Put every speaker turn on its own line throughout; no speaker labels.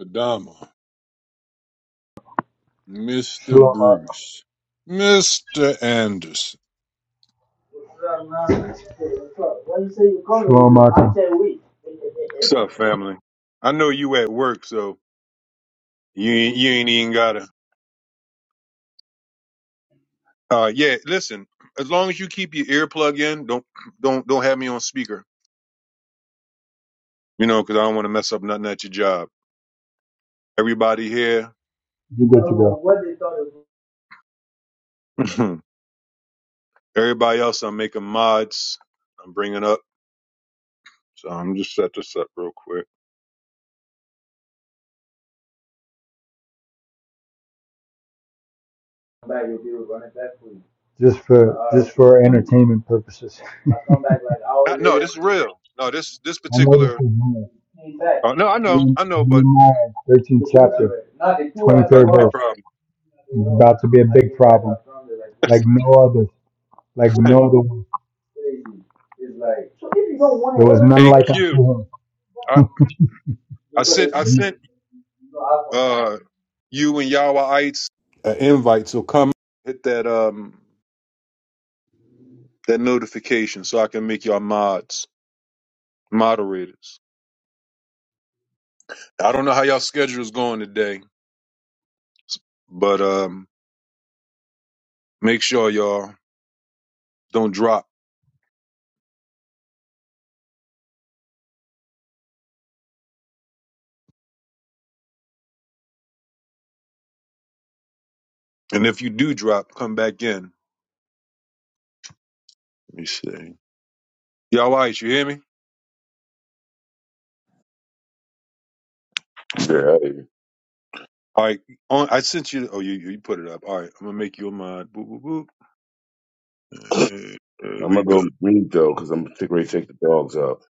Adama, Mr.
Shlomo,
Bruce, Mr. Anderson.
Shlomo,
What's up, family? I know you at work, so you ain't, you ain't even gotta. Uh, yeah, listen. As long as you keep your earplug in, don't don't don't have me on speaker. You know, because I don't want to mess up nothing at your job. Everybody here,
you good to go.
everybody else, I'm making mods. I'm bringing up, so I'm just set this up real quick.
Just for just for entertainment purposes.
Uh, no, this is real. No, this this
I'm waiting
particular.
for you.
Uh, no, I know, I know, but
Nehemiah, 13th chapter,
about to
23rd
be a
verse.
problem.
It's about to be a big problem, like no other, like no other. one. There was none
A
like
Q,
unto
I I
him.
sent I sent uh you and Yahwehites an invite, so come hit that um that notification so I can make y'all mods moderators. I don't know how y'all schedule's going today, but um make sure y'all don't drop. And if you do drop, come back in. Let me see. Yahwehites, you hear me?
Yeah, hey,
All right, on, I sent you. Oh, you you put it up. All right, I'm gonna make you a mod. Boop boop boop. Uh, There
I'm gonna
we go.
go mute though, cause I'm getting ready to take the dogs out.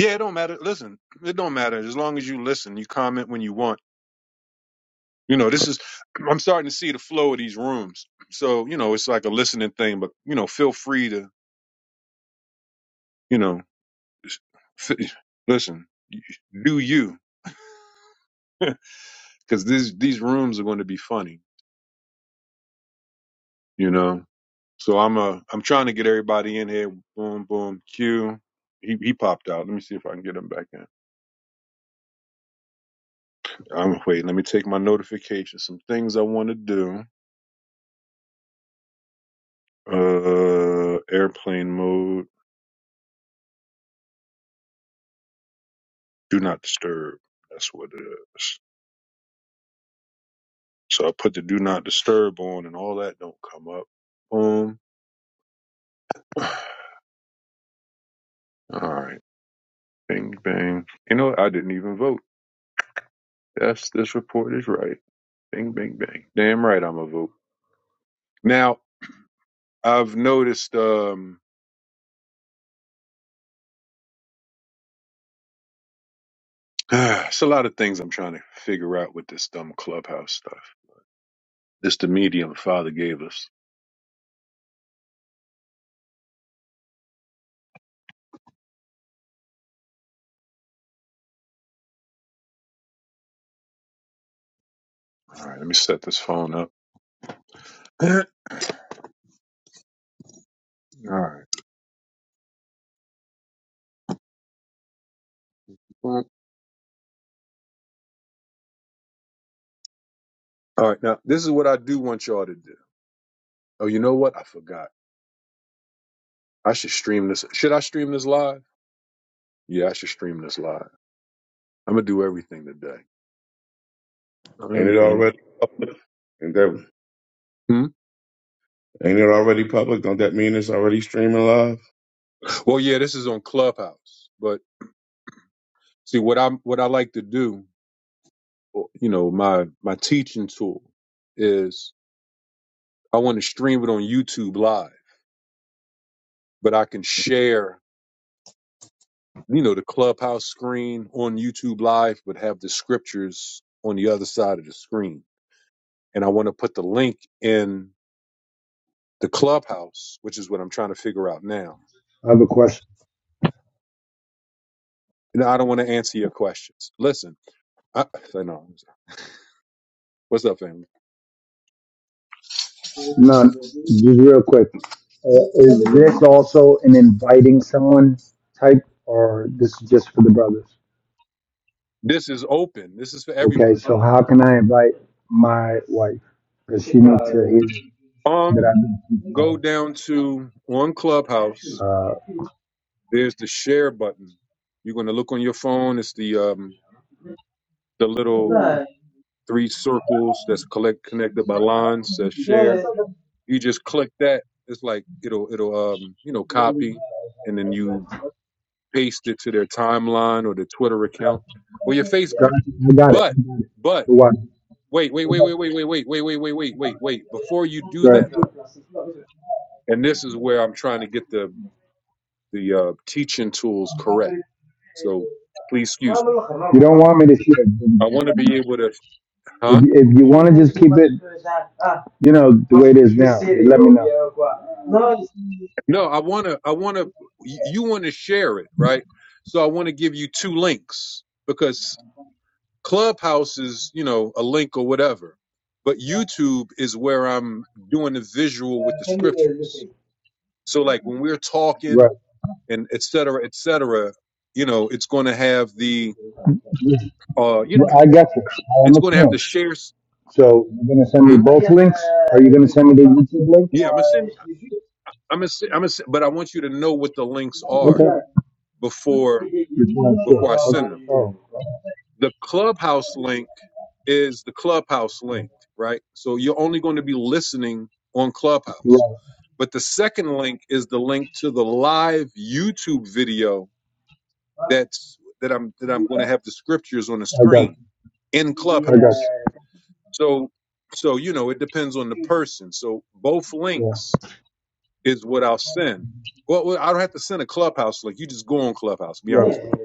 Yeah, it don't matter. Listen, it don't matter as long as you listen. You comment when you want. You know, this is I'm starting to see the flow of these rooms. So you know, it's like a listening thing. But you know, feel free to you know, f- listen, do you? Because these these rooms are going to be funny. You know, so I'm uh I'm trying to get everybody in here. Boom, boom, Q. He he popped out. Let me see if I can get him back in. I'm wait. Let me take my notifications. Some things I want to do. Uh, airplane mode. do not disturb. That's what it is. So I put the do not disturb on and all that don't come up. Boom. All right. Bing bang. You know what? I didn't even vote. Yes, this report is right. Bing bing bang. Damn right I'm a vote. Now I've noticed um it's a lot of things I'm trying to figure out with this dumb clubhouse stuff. It's the medium father gave us. All right, let me set this phone up. All right. All right. Now this is what I do want y'all to do. Oh, you know what? I forgot. I should stream this. Should I stream this live? Yeah, I should stream this live. I'm gonna do everything today.
Ain't it
Everything.
already? public? Ain't that?
Hmm?
Ain't it already public? Don't that mean it's already streaming live?
Well, yeah, this is on Clubhouse, but see what I'm what I like to do. You know, my my teaching tool is I want to stream it on YouTube Live, but I can share you know the Clubhouse screen on YouTube Live, but have the scriptures on the other side of the screen, and I want to put the link in the Clubhouse, which is what I'm trying to figure out now
I have a question.
No, I don't want to answer your questions. Listen, I, I know. What's up, family?
No, just real quick. Uh, is this also an inviting someone type, or this is just for the brothers?
This is open. This is for
Okay,
everybody.
so how can I invite my wife? Because she needs to hear that
Um,
I've been speaking
go down to on Clubhouse.
Uh,
There's the share button. You're gonna look on your phone. It's the um the little three circles that's collect connected by lines. Says share. You just click that. It's like it'll it'll um you know copy, and then you paste it to their timeline or their Twitter
God,
account or your Facebook.
I got it.
But
I got it.
but
The wife.
Wait, wait,
Okay.
wait, wait, wait, wait, wait, wait, wait, wait, wait, wait, wait. Before you do
Go
that though,
ahead.
and this is where I'm trying to get the the uh, teaching tools correct. So please excuse me.
You don't want me to
I want to be
share.
able to,
If
huh?
if you want to just keep it, you know, the way it is now, let me know.
No, I want to. I want to. You want to share it, right? So I want to give you two links because Clubhouse is, you know, a link or whatever, but YouTube is where I'm doing the visual with the scriptures. So like when we're talking
Right.
and et cetera, et cetera, you know, it's going to have the, uh, you know,
Well, I got you. I
it's going to have the
understand.
shares.
So you're gonna send me
Hmm?
both links? Are you gonna send me the YouTube link?
Yeah, I'm gonna send, I'm gonna, send, I'm gonna, send, but I want you to know what the links are
Okay.
before
Just want to
before I send them.
Okay. Oh,
The clubhouse link is the clubhouse link, right? So you're only going to be listening on Clubhouse.
right.
But the second link is the link to the live YouTube video that's that I'm that I'm going to have the scriptures on the
I got
screen in
you. I got
Clubhouse.
you.
So, so you know, it depends on the person. So both
Yeah.
links is what I'll send. Well, well, I don't have to send a clubhouse link. You just go on Clubhouse. Be
Yeah.
honest with you,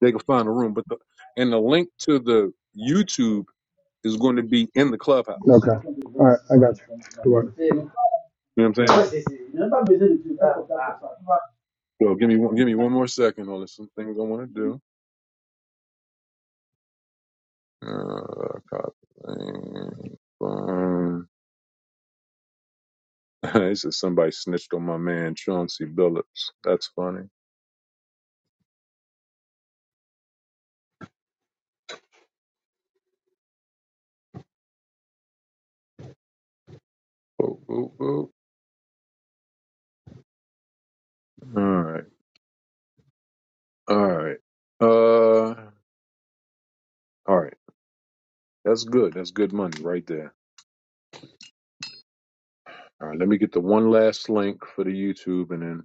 they can find a room. But the and the link to the YouTube is going to be in the clubhouse.
Okay. All right. I got you. Good work.
You know what I'm saying?
All right.
So give me one, give me one more second on this. Some things I want to do. Uh, copy. Um, this is somebody snitched on my man Chauncey Billups. That's funny. Boop, boop, boop. All right. All right. Uh, all right. That's good. That's good money right there. All right. Let me get the one last link for the YouTube and then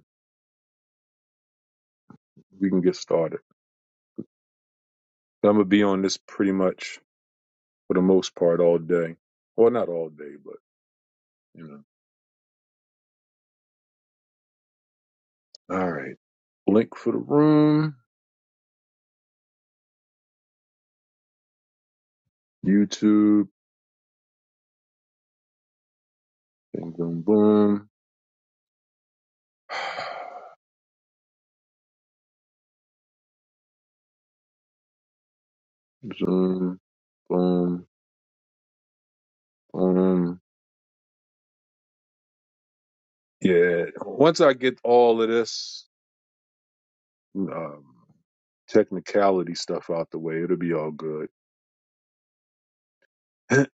we can get started. I'm going to be on this pretty much for the most part all day. Well, not all day, but, you know. All right. Link for the room, YouTube, bing, boom, boom, Zoom, boom, boom. Yeah. Once I get all of this, um, technicality stuff out the way, it'll be all good.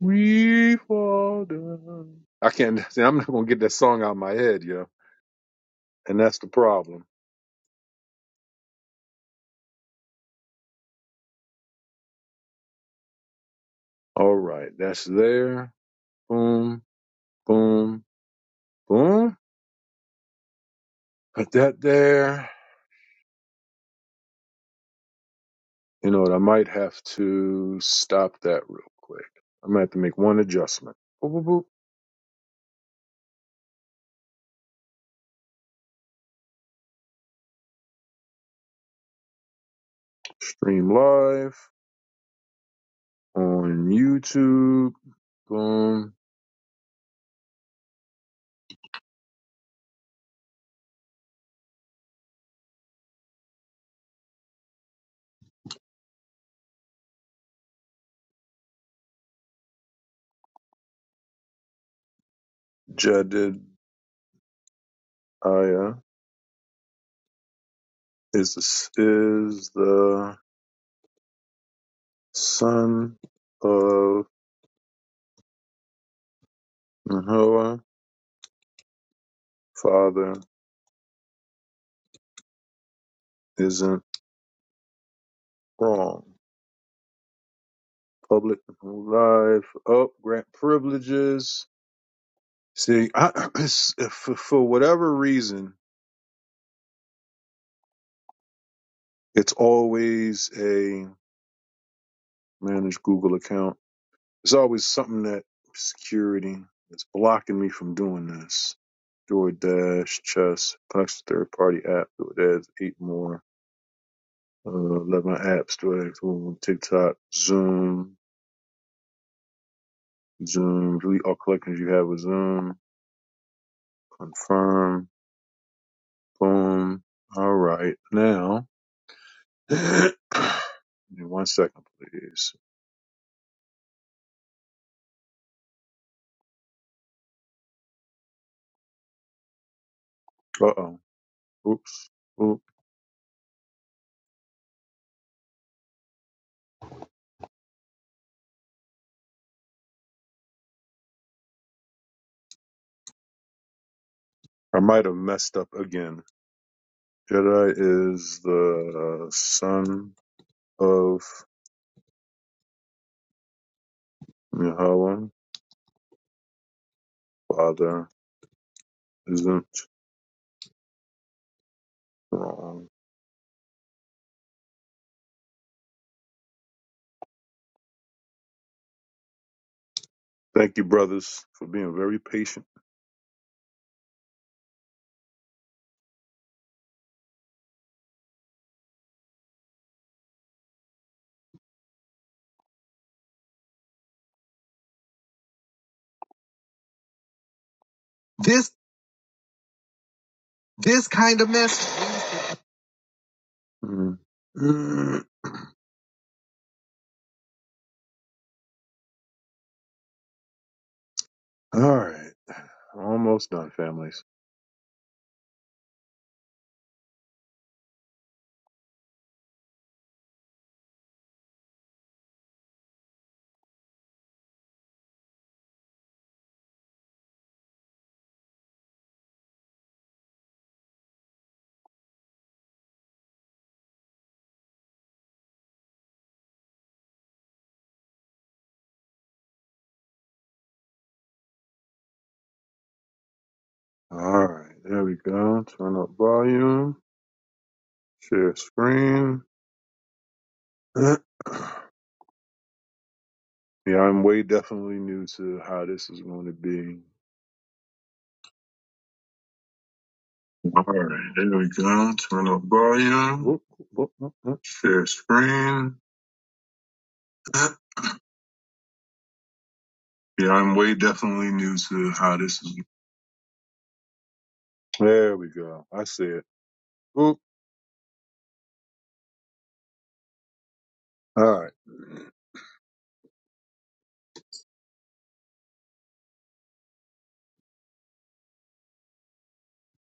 we fall down. I can't. See, I'm not gonna get that song out of my head, yo. And that's the problem. All right, that's there. Boom, boom, boom. Put that there. You know what? I might have to stop that real quick. I'm gonna have to make one adjustment. Boop, boop, boop. Stream live on YouTube. Boom. Jedediah is the, is the son of Her father isn't wrong. Public life, up, grant privileges. See, I, it's, if, for whatever reason, it's always a managed Google account. There's always something that security is blocking me from doing this. DoorDash, Chess, Plex, third party app, DoorDash, eight more, uh, 11 apps, DoorDash, Google, TikTok, Zoom, Zoom, delete all collections you have with Zoom Confirm. Boom. All right. Now, give me one second, please. Uh oh. Oops. Oop. I might have messed up again. Jedi is the son of Yahweh. Father isn't wrong. Thank you, brothers, for being very patient. This this kind of mess. Mm. Mm. All right. Almost done, family. All right, there we go. Turn up volume, share screen. yeah, I'm way definitely new to how this is going to be. All right, there we go. Turn up volume, Oop, oop, oop, oop. share screen. Yeah, I'm way definitely new to how this is. There we go. I see it. Oop. All right,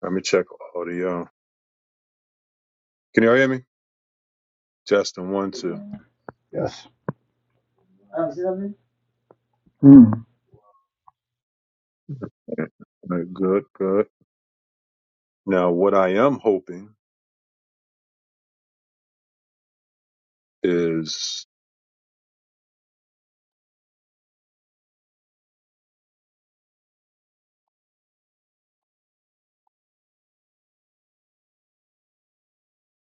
let me check audio. Can you all hear me? Justin, one, two.
Yes. Mm.
All right, good, good. Now, what I am hoping is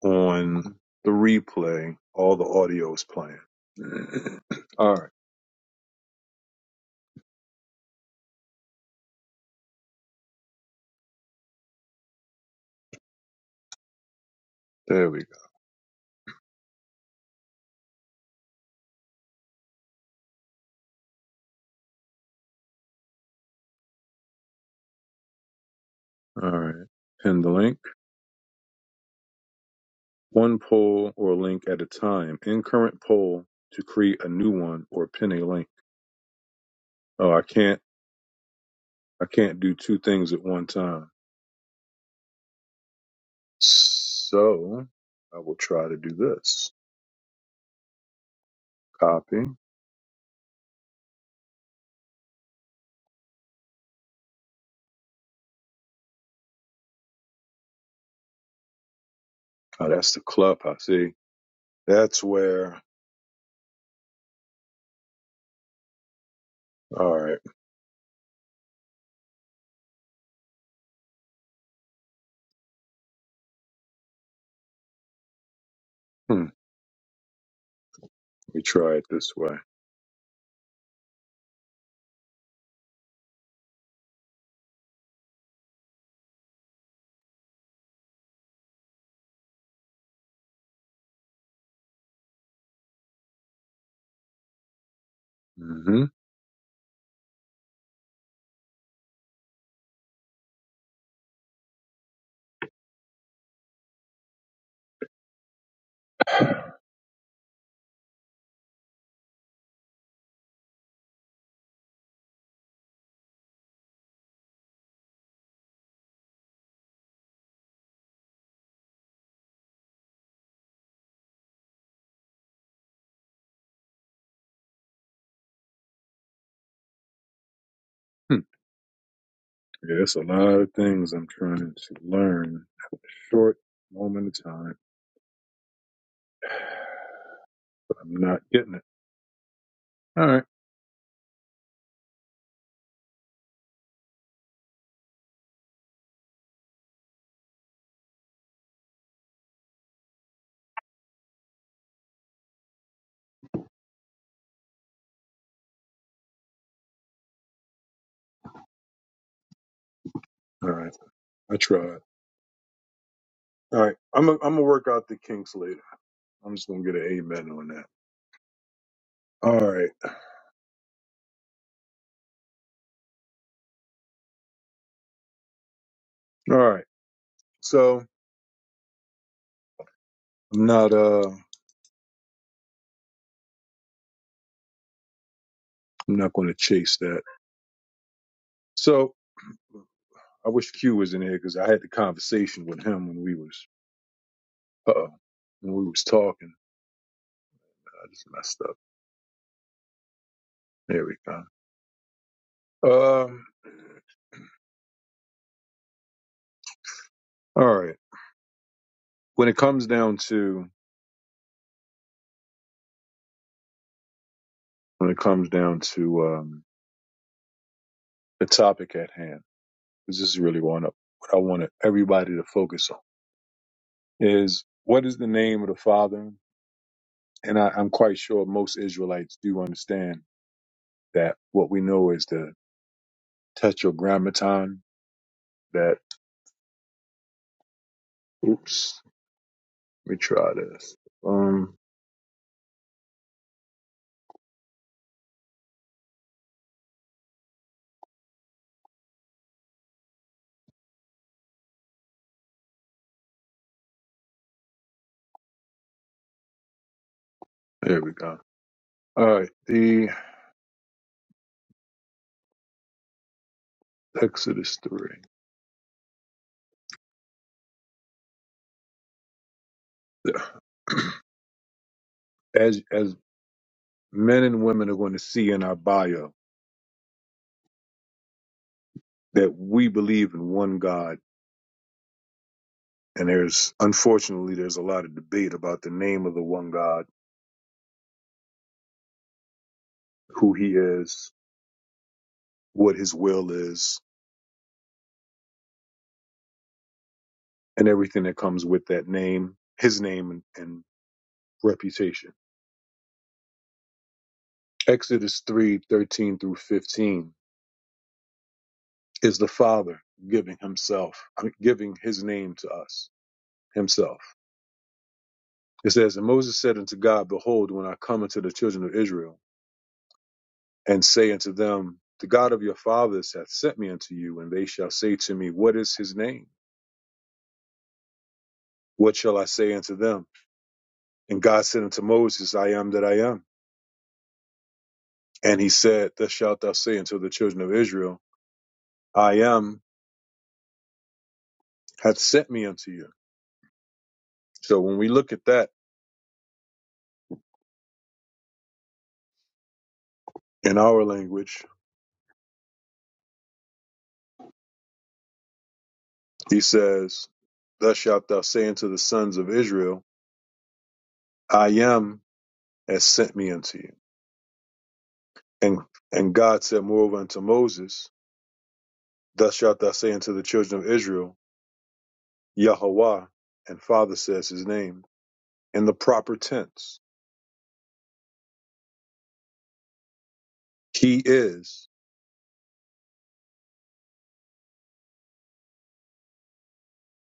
on the replay, all the audio is playing. all right, there we go. All right, pin the link. One poll or link at a time. In current poll to create a new one or pin a link. Oh, I can't. I can't do two things at one time. So I will try to do this. Copy. Oh, that's the clubhouse. See, that's where. All right. Hmm. We try it this way. hmm Hmm. Yeah, it's a lot of things I'm trying to learn short moment of time, but I'm not getting it. All right. All right. I tried. All right. I'm going I'm to work out the kinks later. I'm just going to get an amen on that. All right. All right. So I'm not, uh, I'm not going to chase that. So I wish Q was in here because I had the conversation with him when we was, uh oh, when we was talking. I just messed up. There we go. Um, all right. When it comes down to, when it comes down to, um, the topic at hand 'cause this is really one up. What I wanted everybody to focus on is what is the name of the Father? And I, I'm quite sure most Israelites do understand that what we know is the Tetragrammaton. That oops, let me try this. Um, there we go. All right, the Exodus three. As as men and women are going to see in our bio that we believe in one God, and there's unfortunately there's a lot of debate about the name of the one God who he is, what his will is, and everything that comes with that name, his name and, and reputation. Exodus three thirteen through 15 is the Father giving himself, I mean, giving his name to us, himself. It says, And Moses said unto God, Behold, when I come unto the children of Israel, and say unto them, The God of your fathers hath sent me unto you, and they shall say to me, What is his name? What shall I say unto them? And God said unto Moses, I am that I am And he said, Thus shalt thou say unto the children of Israel, I am hath sent me unto you. So when we look at that in our language, he says, Thus shalt thou say unto the sons of Israel, I am has sent me unto you. And and God said moreover unto Moses, Thus shalt thou say unto the children of Israel, Yahweh, and Father says his name, in the proper tense. He is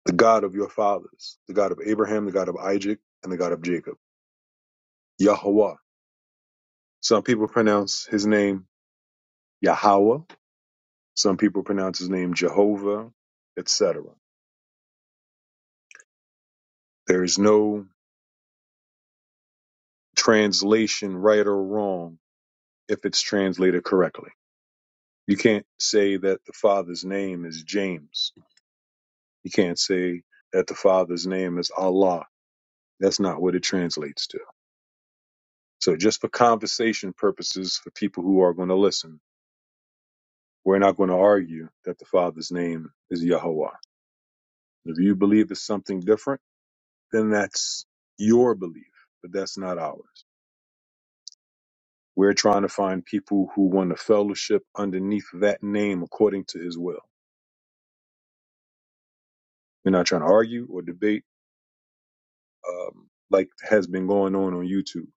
the God of your fathers, the God of Abraham, the God of Isaac, and the God of Jacob. Yahweh. Some people pronounce his name Yahweh. Some people pronounce his name Jehovah, etc. There is no translation right or wrong if it's translated correctly. You can't say that the father's name is James. You can't say that the father's name is Allah. That's not what it translates to. So just for conversation purposes, for people who are going to listen, we're not going to argue that the father's name is Yahweh. If you believe it's something different, then that's your belief, but that's not ours. We're trying to find people who want a fellowship underneath that name according to his will. We're not trying to argue or debate um, like has been going on on YouTube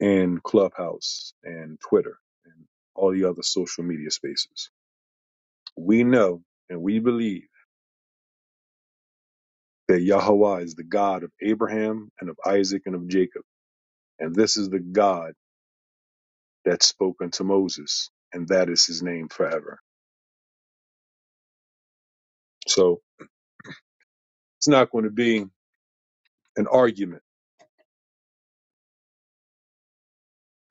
and Clubhouse and Twitter and all the other social media spaces. We know and we believe that Yahweh is the God of Abraham and of Isaac and of Jacob. And this is the God that spoke unto Moses, and that is his name forever. So It's not going to be an argument.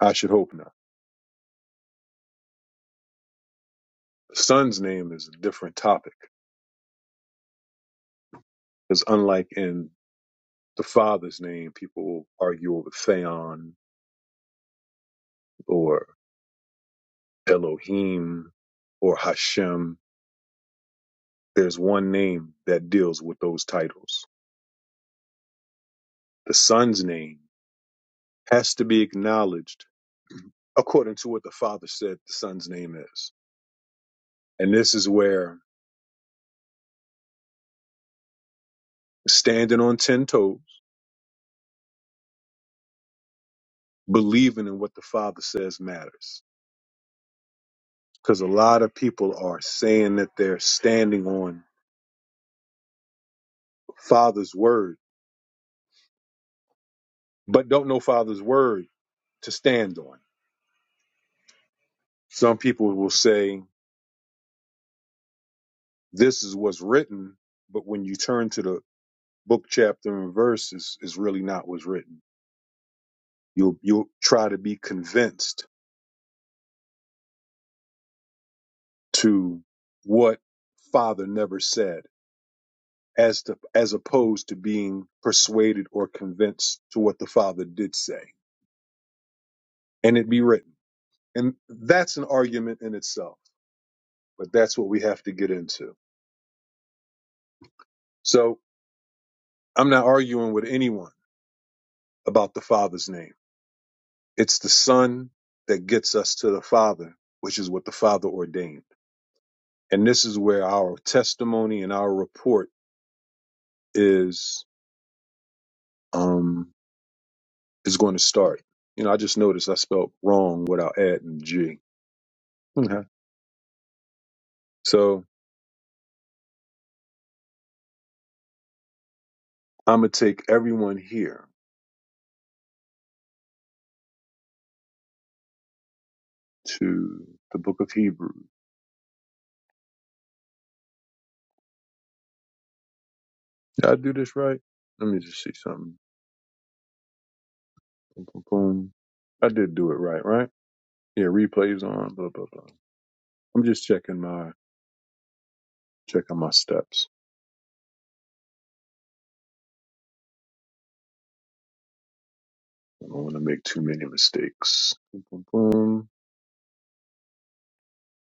I should hope not. The son's name is a different topic because unlike in the father's name, people will argue over Theon or Elohim or Hashem. There's one name that deals with those titles. The son's name has to be acknowledged according to what the father said the son's name is. And this is where standing on 10 toes, believing in what the father says matters because a lot of people are saying that they're standing on Father's word, but don't know Father's word to stand on. Some people will say, This is what's written, but when you turn to the book, chapter, and verse, it's, it's really not what's written. You'll, you'll try to be convinced to what Father never said. As, to, as opposed to being persuaded or convinced to what the father did say and it be written and that's an argument in itself but that's what we have to get into. So I'm not arguing with anyone about the Father's name. It's the Son that gets us to the Father, which is what the Father ordained. And this is where our testimony and our report is um, is going to start. You know, I just noticed I spelled wrong without adding G. Okay. So I'm gonna take everyone here to the Book of Hebrews. Did I do this right? Let me just see something. Boom, boom, boom. I did do it right, right? Yeah, replays on, blah blah blah. I'm just checking my checking my steps. I don't want to make too many mistakes. Boom, boom, boom.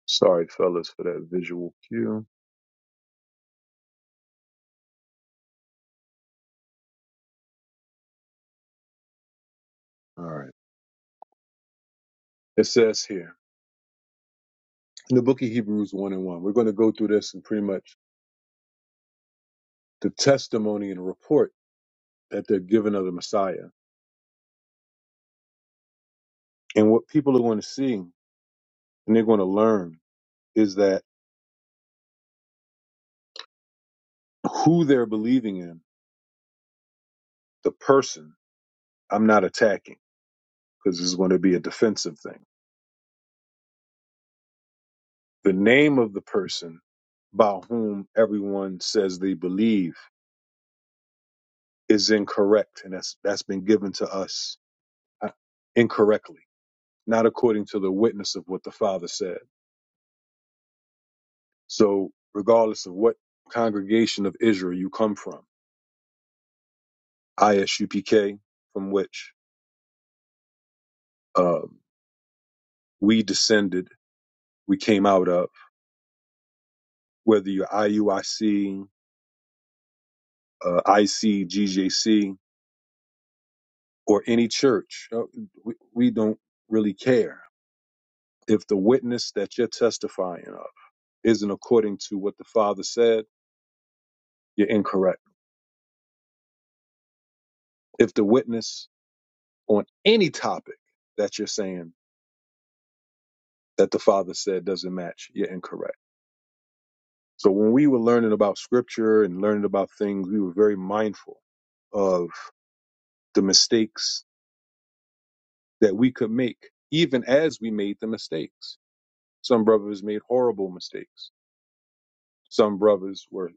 Sorry, fellas, for that visual cue. All right. It says here in the book of Hebrews one and one. We're going to go through this and pretty much the testimony and report that they're given of the Messiah. And what people are going to see and they're going to learn is that who they're believing in, the person, I'm not attacking because this is going to be a defensive thing The name of the person by whom everyone says they believe is incorrect, and that's that's been given to us uh, incorrectly, not according to the witness of what the Father said. So, regardless of what congregation of Israel you come from, ISUPK, from which um, we descended, we came out of, whether you're IUIC, uh, IC, or any church, uh, we, we don't really care If the witness that you're testifying of isn't according to what the Father said, you're incorrect. If the witness on any topic that you're saying that the Father said doesn't match, you're incorrect. So when we were learning about scripture and learning about things, we were very mindful of the mistakes that we could make, even as we made the mistakes. Some brothers made horrible mistakes. Some brothers were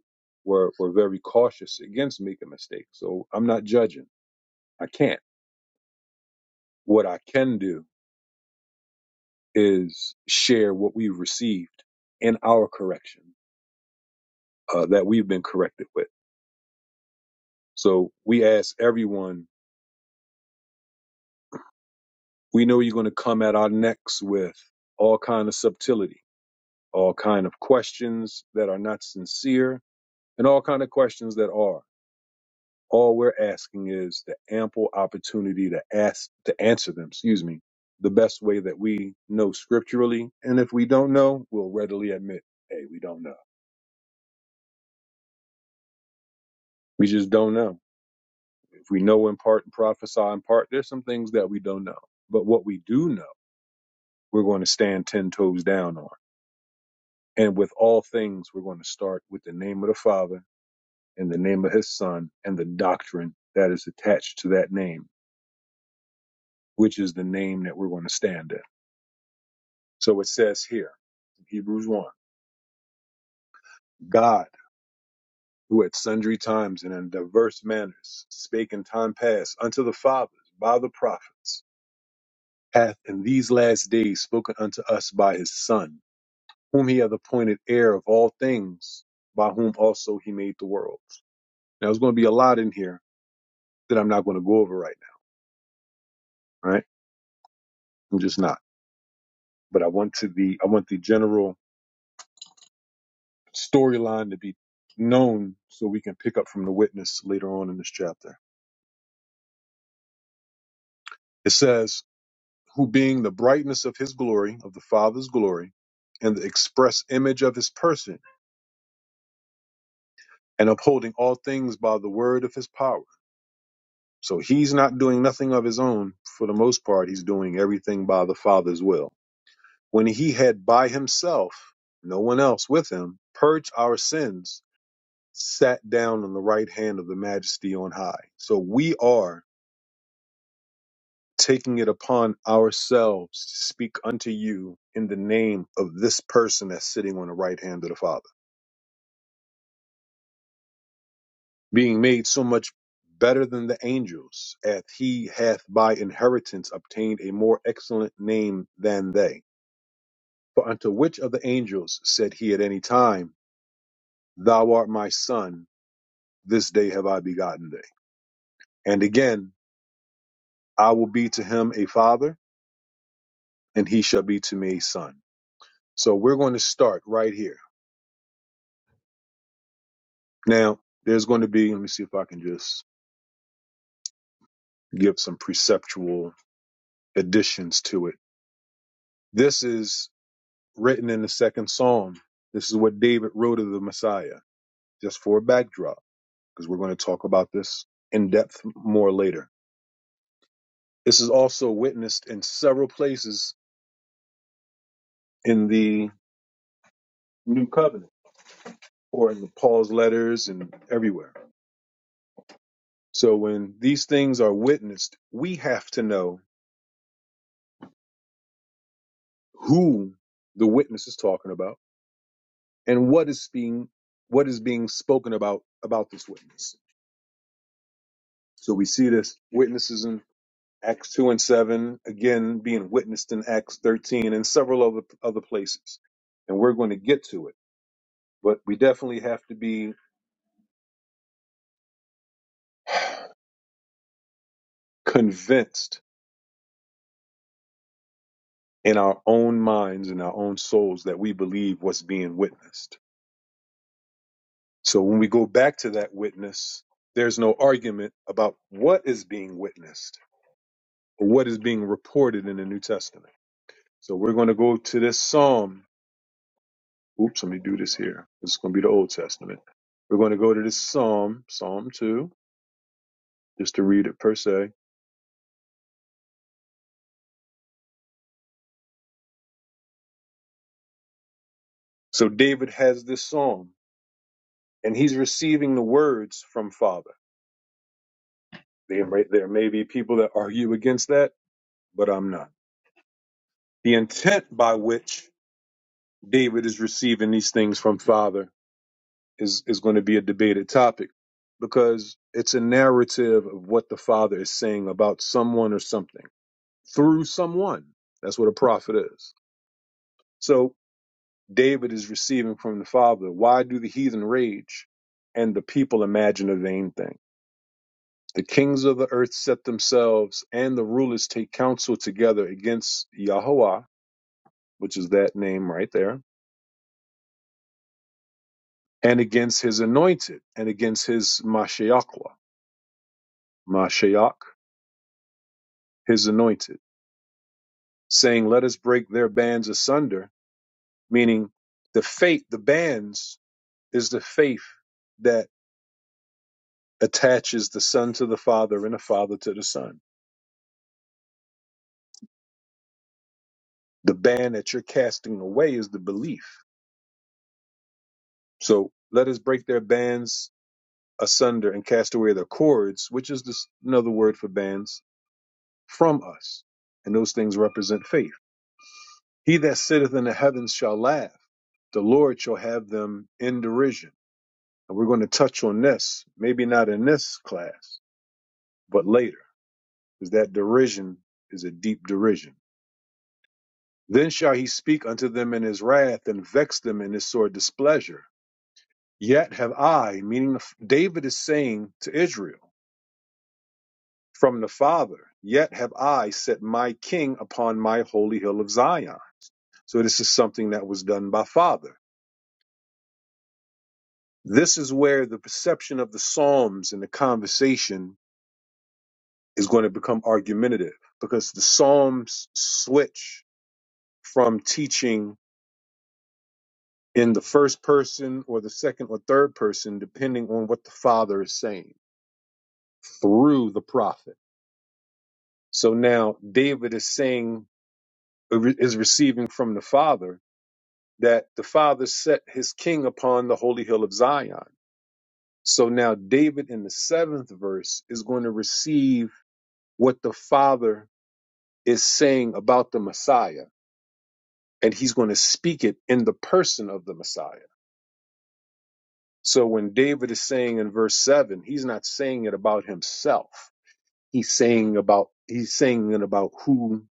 were were very cautious against making mistakes. So I'm not judging. I can't. What I can do is share what we've received in our correction uh, that we've been corrected with. So we ask everyone, we know you're going to come at our necks with all kind of subtlety, all kind of questions that are not sincere, and all kind of questions that are. All we're asking is the ample opportunity to ask to answer them, excuse me, the best way that we know scripturally. And if we don't know, we'll readily admit, hey, we don't know. We just don't know If we know in part and prophesy in part, there's some things that we don't know. But what we do know, we're going to stand 10 toes down on. And with all things, we're going to start with the name of the Father and the name of his Son and the doctrine that is attached to that name, which is the name that we're going to stand in. So it says here in Hebrews 1 God, who at sundry times and in diverse manners spake in time past unto the fathers by the prophets, hath in these last days spoken unto us by his Son whom he hath appointed heir of all things, by whom also he made the worlds. Now there's going to be a lot in here that I'm not going to go over right now, right? I'm just not. But I want to be I want the general storyline to be known so we can pick up from the witness later on in this chapter. It says, who being the brightness of his glory, of the Father's glory, and the express image of his person, and upholding all things by the word of his power So he's not doing nothing of his own for the most part. He's doing everything by the Father's will. When he had by himself, no one else with him, purged our sins, sat down on the right hand of the majesty on high. So we are taking it upon ourselves to speak unto you in the name of this person that's sitting on the right hand of the Father, being made so much better than the angels, as he hath by inheritance obtained a more excellent name than they. For unto which of the angels said he at any time, Thou art my son, this day have I begotten thee? And again, I will be to him a father, and he shall be to me a son. So we're going to start right here. Now, there's going to be, let me see if I can just give some preceptual additions to it. This is written in the second psalm. This is what David wrote of the Messiah, just for a backdrop, because we're going to talk about this in depth more later. This is also witnessed in several places in the New Covenant or in Paul's letters and everywhere. So when these things are witnessed, we have to know who the witness is talking about and what is being what is being spoken about about this witness. So we see this witnesses in Acts 2 and 7, again being witnessed in Acts 13 and several other other places. And we're going to get to it, but we definitely have to be convinced in our own minds and our own souls that we believe what's being witnessed. So when we go back to that witness, there's no argument about what is being witnessed or what is being reported in the New Testament. So we're going to go to this Psalm. Oops, let me do this here. It's going to be the Old Testament. We're going to go to this Psalm, Psalm 2, just to read it per se. So David has this Psalm and he's receiving the words from Father. They, there may be people that argue against that, but I'm not. the intent by which David is receiving these things from Father is, is going to be a debated topic because it's a narrative of what the Father is saying about someone or something through someone. That's what a prophet is. So David is receiving from the Father. Why do the heathen rage and the people imagine a vain thing? The kings of the earth set themselves and the rulers take counsel together against Yahweh, which is that name right there and against his anointed and against his Mashiachla, Mashiach, his anointed, saying, Let us break their bands asunder, meaning the faith, the bands is the faith that attaches the son to the father and the father to the son. The band that you're casting away is the belief. So let us break their bands asunder and cast away their cords, which is this, another word for bands, from us. And those things represent faith. He that sitteth in the heavens shall laugh. The Lord shall have them in derision. And we're going to touch on this, maybe not in this class, but later, because that derision is a deep derision. Then shall he speak unto them in his wrath and vex them in his sore displeasure. Yet have I, meaning David is saying to Israel from the Father, yet have I set my king upon my holy hill of Zion. So this is something that was done by Father. This is where the perception of the Psalms and the conversation is going to become argumentative because the Psalms switch from teaching in the first person or the second or third person, depending on what the Father is saying through the prophet. So now David is saying, is receiving from the Father that the Father set his king upon the holy hill of Zion. So now David in the seventh verse is going to receive what the Father is saying about the Messiah, and he's going to speak it in the person of the Messiah. So when David is saying in verse seven, he's not saying it about himself. He's saying about he's saying it about who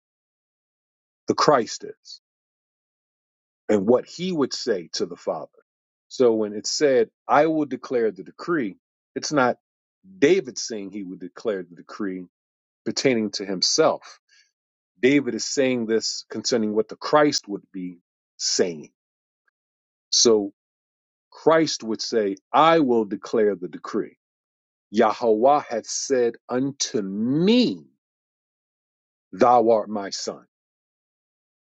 the Christ is and what he would say to the Father. So when it said, I will declare the decree, it's not David saying he would declare the decree pertaining to himself. David is saying this concerning what the Christ would be saying. So Christ would say, I will declare the decree. Yahweh hath said unto me, Thou art my son.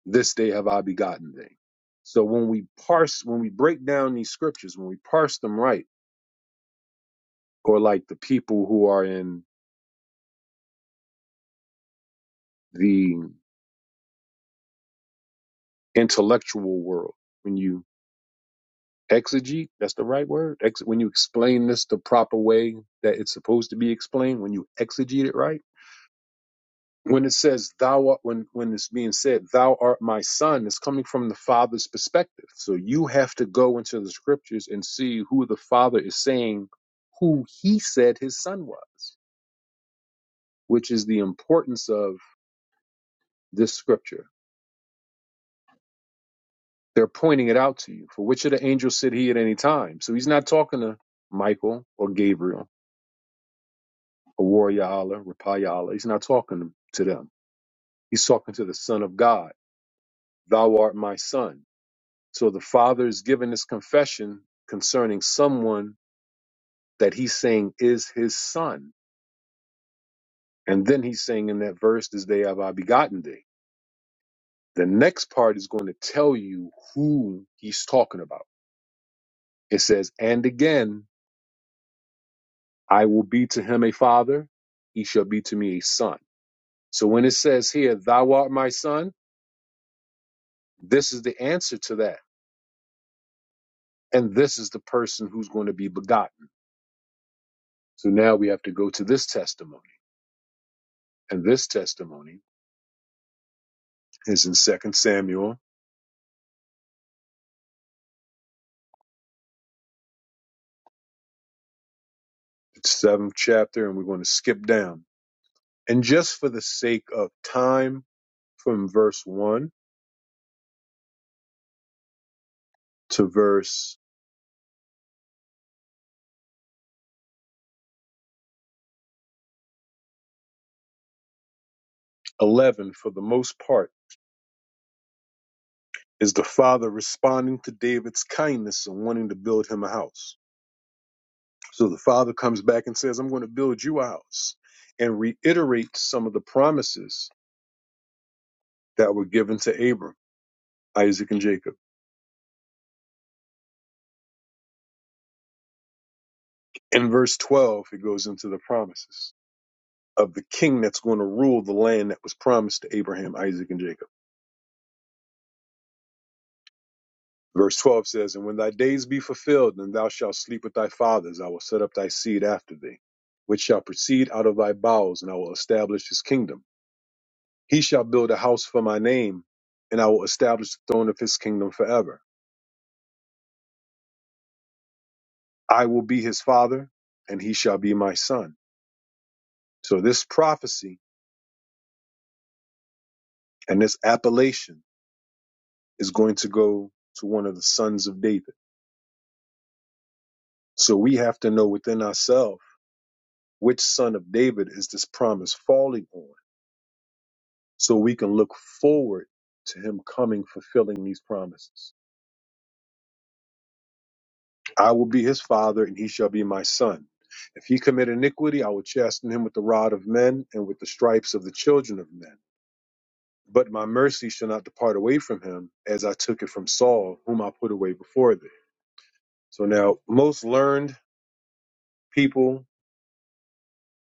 This day have I begotten thee. So when we parse, when we break down these scriptures, when we parse them right, or like the people who are in the intellectual world, when you exegete, that's the right word. Ex- when you explain this the proper way that it's supposed to be explained, when you exegete it right when it says thou art when when it's being said thou art my son it's coming from the father's perspective so you have to go into the scriptures and see who the father is saying who he said his son was which is the importance of this scripture they're pointing it out to you for which of the angels said he at any time so he's not talking to michael or gabriel or warrior allah rapayala he's not talking to them he's talking to the son of god thou art my son So the father is giving this confession concerning someone that he's saying is his son. And then he's saying in that verse, This day have I begotten thee. The next part is going to tell you who he's talking about. It says, And again, I will be to him a father, he shall be to me a son. So when it says here, Thou art my son, this is the answer to that. And this is the person who's going to be begotten. So now we have to go to this testimony. And this testimony Is in Second Samuel, the seventh chapter, and we're going to skip down. And just for the sake of time, from verse one to verse eleven, for the most part, is the father responding to David's kindness and wanting to build him a house. So the father comes back and says, "I'm going to build you a house," and reiterates some of the promises that were given to Abram, Isaac, and Jacob. In verse twelve, it goes into the promises. of the king that's going to rule the land that was promised to Abraham, Isaac, and Jacob. Verse 12 says, And when thy days be fulfilled, and thou shalt sleep with thy fathers, I will set up thy seed after thee, which shall proceed out of thy bowels, and I will establish his kingdom. He shall build a house for my name, and I will establish the throne of his kingdom forever. I will be his father, and he shall be my son. So this prophecy and this appellation is going to go to one of the sons of David. So we have to know within ourselves Which son of David is this promise falling on? So we can look forward to him coming fulfilling these promises. I will be his father and he shall be my son. If he commit iniquity, I will chasten him with the rod of men and with the stripes of the children of men. But my mercy shall not depart away from him, as I took it from Saul, whom I put away before thee. So now, most learned people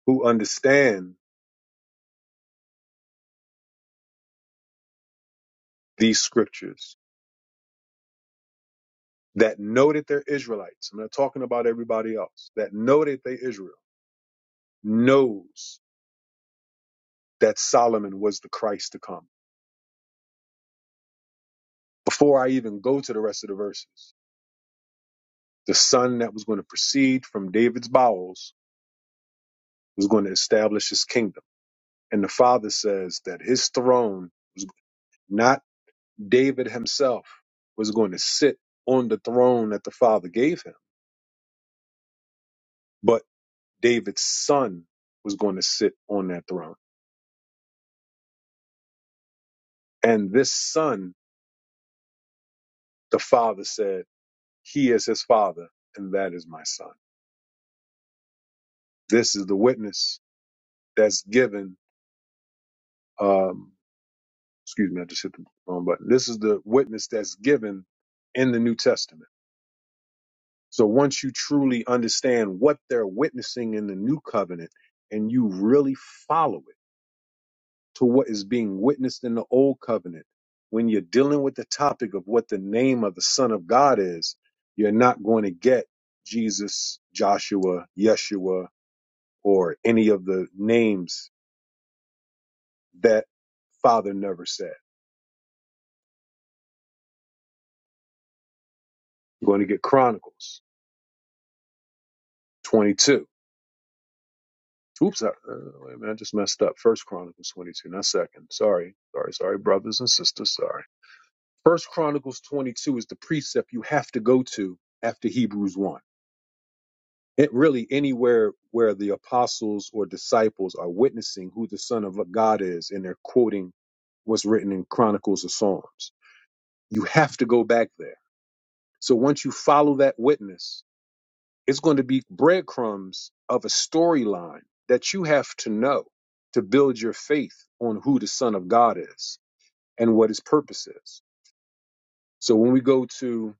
who understand these scriptures that know that they're Israelites. I'm not talking about everybody else that know that they Israel knows that Solomon was the Christ to come. Before I even go to the rest of the verses, the son that was going to proceed from David's bowels was going to establish his kingdom. And the father says that his throne, not David himself, was going to sit on the throne that the father gave him, but David's son was going to sit on that throne. And this son, the father said. He is his father, and that is my son. This is the witness that's given. Um, excuse me, I just hit the wrong button. This is the witness that's given in the New Testament. So once you truly understand what they're witnessing in the New Covenant and you really follow it to what is being witnessed in the Old Covenant, when you're dealing with the topic of what the name of the Son of God is, you're not going to get Jesus, Joshua, Yeshua, or any of the names that Father never said. You're going to get Chronicles 22. Oops, I, uh, wait a minute, I just messed up. First Chronicles 22, not second. Sorry, sorry, sorry, brothers and sisters. Sorry. First Chronicles 22 is the precept you have to go to after Hebrews 1. It really anywhere where the apostles or disciples are witnessing who the Son of God is, and they're quoting what's written in Chronicles or Psalms. You have to go back there. So once you follow that witness, It's going to be breadcrumbs of a storyline that you have to know to build your faith on who the Son of God is and what his purpose is. So when we go to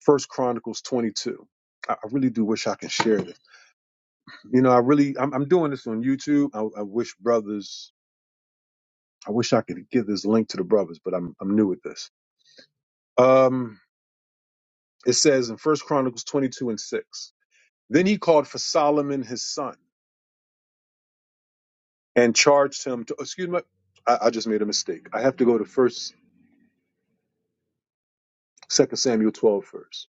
First Chronicles 22, I I really do wish I can share this. You know, I really, I'm, I'm doing this on YouTube. I, I wish brothers, I wish I could give this link to the brothers, but I'm, I'm new at this. Um, it says in First Chronicles 22 and 6, then he called for Solomon his son and charged him to excuse me I, I just made a mistake i have to go to first second samuel 12 first.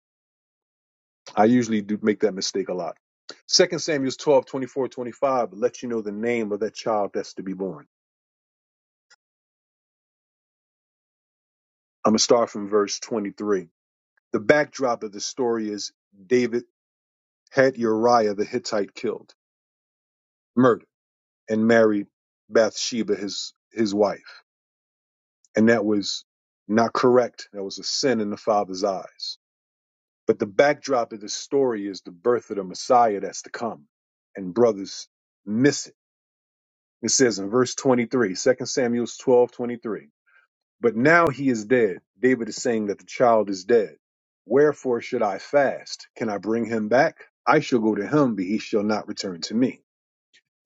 i usually do make that mistake a lot second samuel 12 24 25 lets you know the name of that child that's to be born i'm going to start from verse 23 the backdrop of the story is david had uriah the hittite killed murdered and married bathsheba his his wife and that was not correct that was a sin in the father's eyes But the backdrop of the story is the birth of the Messiah that's to come. And brothers miss it. It says in verse 23, Second Samuel 12 23. But now he is dead. David is saying that the child is dead. Wherefore should I fast? Can I bring him back? I shall go to him, but he shall not return to me.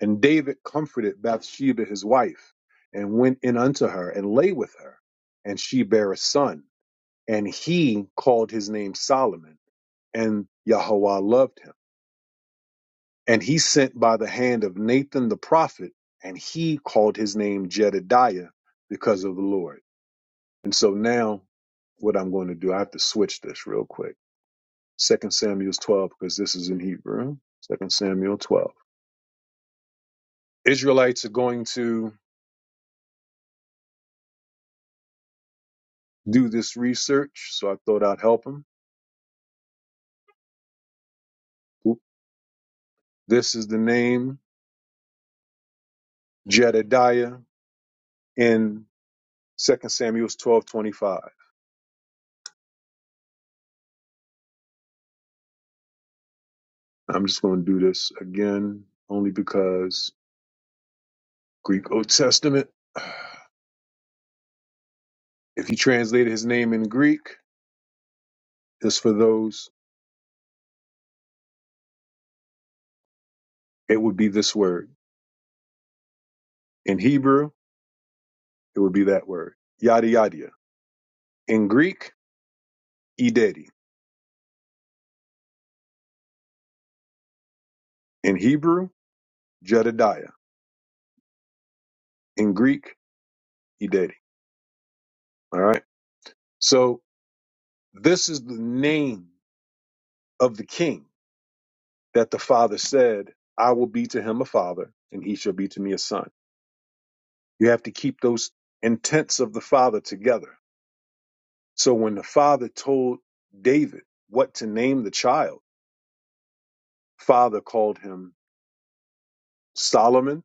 And David comforted Bathsheba his wife, and went in unto her, and lay with her. And she bare a son, and he called his name Solomon, and Yahweh loved him And he sent by the hand of Nathan the prophet, and he called his name Jedediah because of the Lord. And so now what I'm going to do, I have to switch this real quick. Second Samuel 12, because this is in Hebrew. Second Samuel 12. Israelites are going to do this research, so I thought I'd help them. Oop. This is the name Jedediah in Second Samuel 12:25. I'm just going to do this again, only because Greek Old Testament. If you translated his name in Greek, it's for those, it would be this word. In Hebrew, it would be that word. Yada yada. In Greek, idedi. In Hebrew, Jedediah. In Greek, idedi. All right. So this is the name of the king that the father said, I will be to him a father, and he shall be to me a son. You have to keep those intents of the father together. So when the father told David what to name the child, father called him Solomon,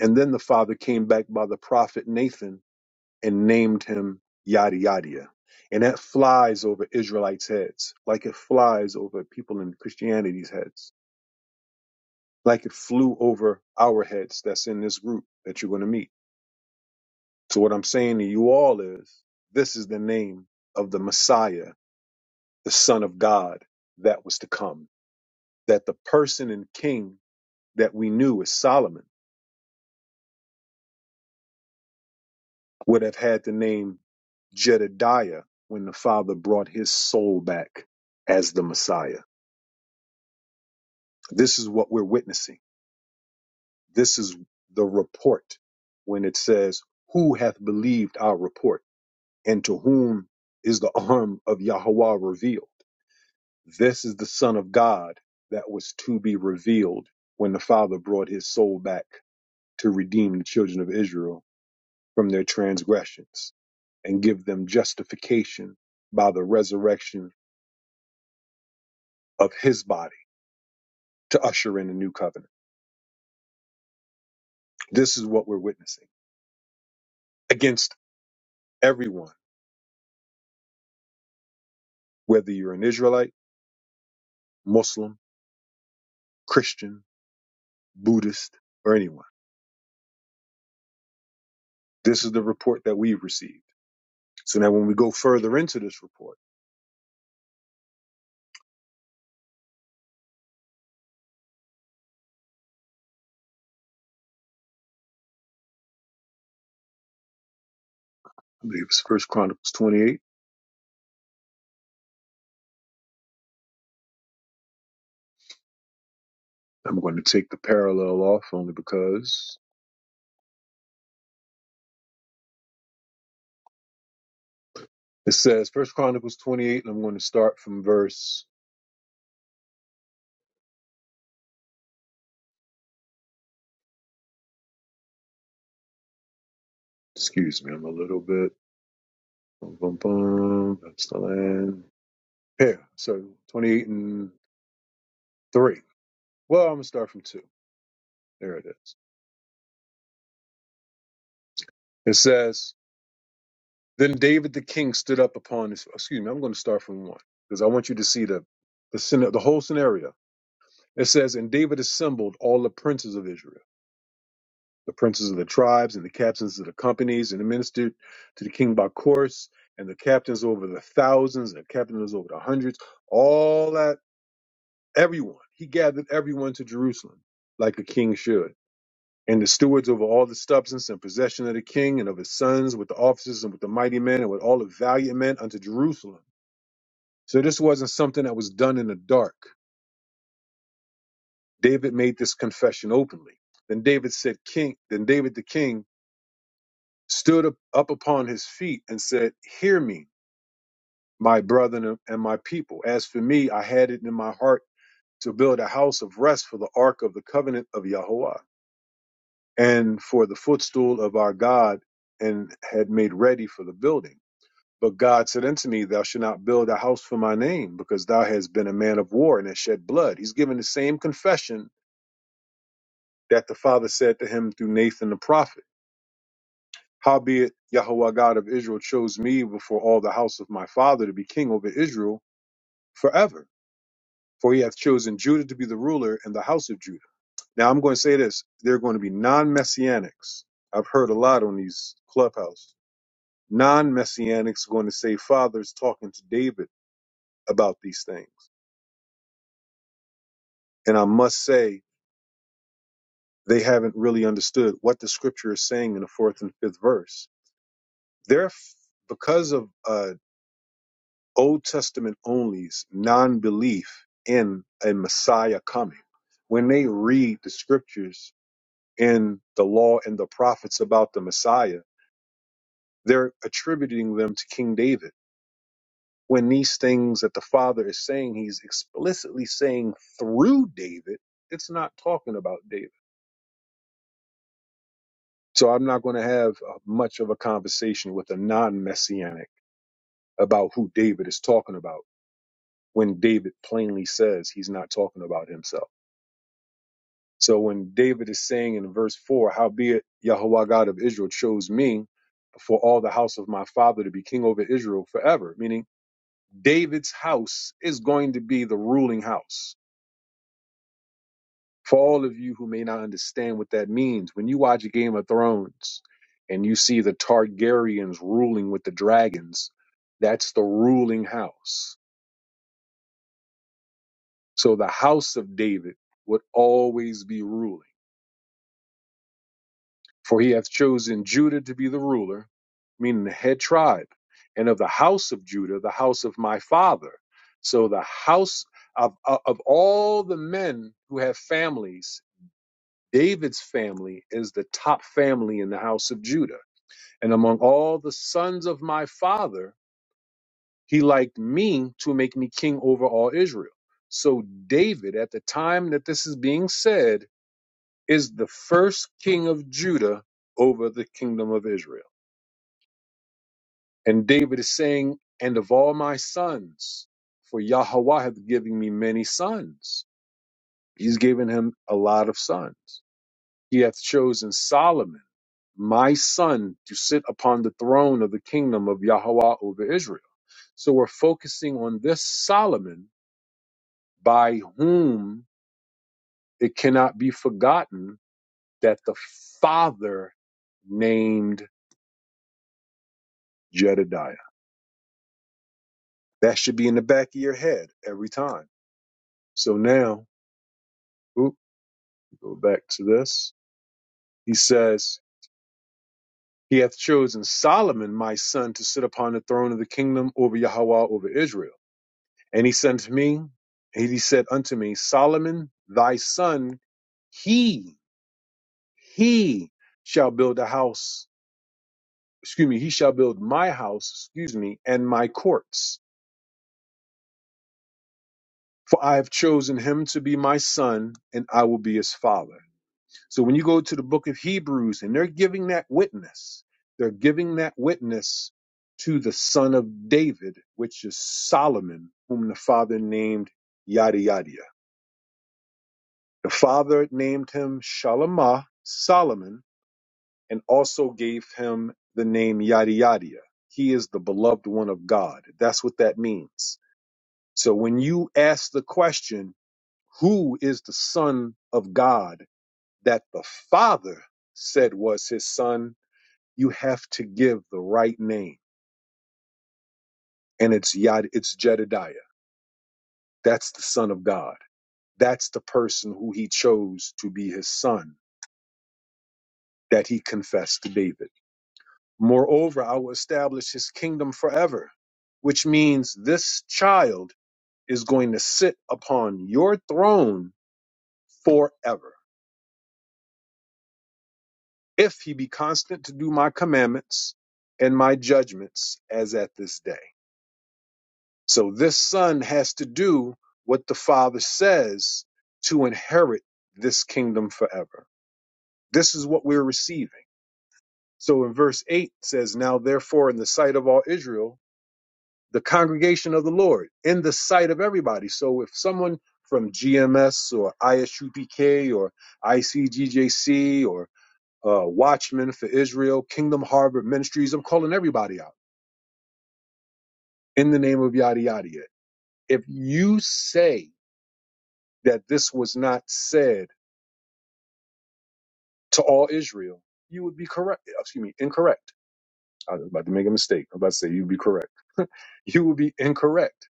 and then the father came back by the prophet Nathan and named him yada yada. And that flies over Israelites' heads, like it flies over people in Christianity's heads, like it flew over our heads that's in this group that you're going to meet. So, what I'm saying to you all is this is the name of the Messiah, the Son of God that was to come, that the person and king that we knew is Solomon would have had the name Jedediah when the Father brought his soul back as the Messiah. This is what we're witnessing. This is the report when it says, Who hath believed our report? And to whom is the arm of Yahweh revealed? This is the Son of God that was to be revealed when the Father brought his soul back to redeem the children of Israel from their transgressions and give them justification by the resurrection of his body to usher in a new covenant. This is what we're witnessing against everyone, whether you're an Israelite, Muslim, Christian, Buddhist, or anyone. This is the report that we've received. So now when we go further into this report, I believe it's First Chronicles 28. I'm going to take the parallel off only because it says First Chronicles 28, and I'm going to start from verse. Excuse me, I'm a little bit. Boom, boom, boom. That's the land. Here, so 28 and 3. Well, I'm gonna start from two. There it is. It says, "Then David the king stood up upon his." Excuse me. I'm going to start from one because I want you to see the the scena- the whole scenario. It says, "And David assembled all the princes of Israel, the princes of the tribes, and the captains of the companies, and administered to the king by course, and the captains over the thousands, and the captains over the hundreds, all that everyone. He gathered everyone to Jerusalem, like a king should." And the stewards over all the substance and possession of the king and of his sons, with the officers and with the mighty men and with all the valiant men unto Jerusalem. So this wasn't something that was done in the dark. David made this confession openly. Then David said, King, then David the king stood up, up upon his feet and said, Hear me, my brethren and my people. As for me, I had it in my heart to build a house of rest for the ark of the covenant of Yahweh and for the footstool of our God, and had made ready for the building. But God said unto me, Thou shalt not build a house for my name, because thou hast been a man of war and hast shed blood. He's given the same confession that the Father said to him through Nathan the prophet. Howbeit, Yahweh God of Israel chose me before all the house of my father to be king over Israel forever. For he hath chosen Judah to be the ruler in the house of Judah. Now I'm going to say this. There are going to be non-messianics. I've heard a lot on these clubhouses. Non-messianics are going to say Father's talking to David about these things And I must say, they haven't really understood what the scripture is saying in the fourth and fifth verse. They're, because of uh, Old Testament only's non belief in a Messiah coming, when they read the scriptures in the law and the prophets about the Messiah, they're attributing them to King David. When these things that the Father is saying, he's explicitly saying through David, it's not talking about David. So I'm not going to have uh, much of a conversation with a non messianic about who David is talking about when David plainly says he's not talking about himself. So when David is saying in verse 4, Howbeit Yahweh God of Israel chose me for all the house of my father to be king over Israel forever, meaning David's house is going to be the ruling house for all of you who may not understand what that means, when you watch Game of Thrones and you see the Targaryens ruling with the dragons, that's the ruling house. So the house of David would always be ruling. For he hath chosen Judah to be the ruler, meaning the head tribe, and of the house of Judah, the house of my father. So the house of, of of all the men who have families, David's family is the top family in the house of Judah. And among all the sons of my father, he liked me to make me king over all Israel. So David, at the time that this is being said, is the first king of Judah over the kingdom of Israel. And David is saying, And of all my sons, for Yahweh hath given me many sons. He's given him a lot of sons. He hath chosen Solomon, my son, to sit upon the throne of the kingdom of Yahweh over Israel. So we're focusing on this Solomon by whom it cannot be forgotten that the father named Jedediah. That should be in the back of your head every time. So now, oop, go back to this. He says, He hath chosen Solomon, my son, to sit upon the throne of the kingdom over Yahweh, over Israel. And he said to me, and he said unto me, Solomon, thy son, he, he shall build a house excuse me, he shall build my house, excuse me, and my courts. For I have chosen him to be my son, and I will be his father. So when you go to the book of Hebrews and they're giving that witness, they're giving that witness to the son of David, which is Solomon, whom the father named yada yada. The father named him Shalemah, Solomon, and also gave him the name yada yada. yada. He is the beloved one of God. That's what that means So when you ask the question, who is the son of God that the father said was his son, you have to give the right name. And it's Yad, it's Jedediah. That's the son of God. That's the person who he chose to be his son that he confessed to David. Moreover, I will establish his kingdom forever, which means this child is going to sit upon your throne forever if he be constant to do my commandments and my judgments as at this day. So this son has to do what the father says to inherit this kingdom forever. This is what we're receiving. So in verse 8 says, Now therefore, in the sight of all Israel, the congregation of the Lord, in the sight of everybody. So if someone from GMS or ISUPK or ICGJC or uh, Watchmen for Israel, Kingdom Harvard Ministries. I'm calling everybody out in the name of yada yada. yada. If you say that this was not said to all Israel, you would be correct. Excuse me, incorrect. I was about to make a mistake. I'm about to say you'd be correct. You would be incorrect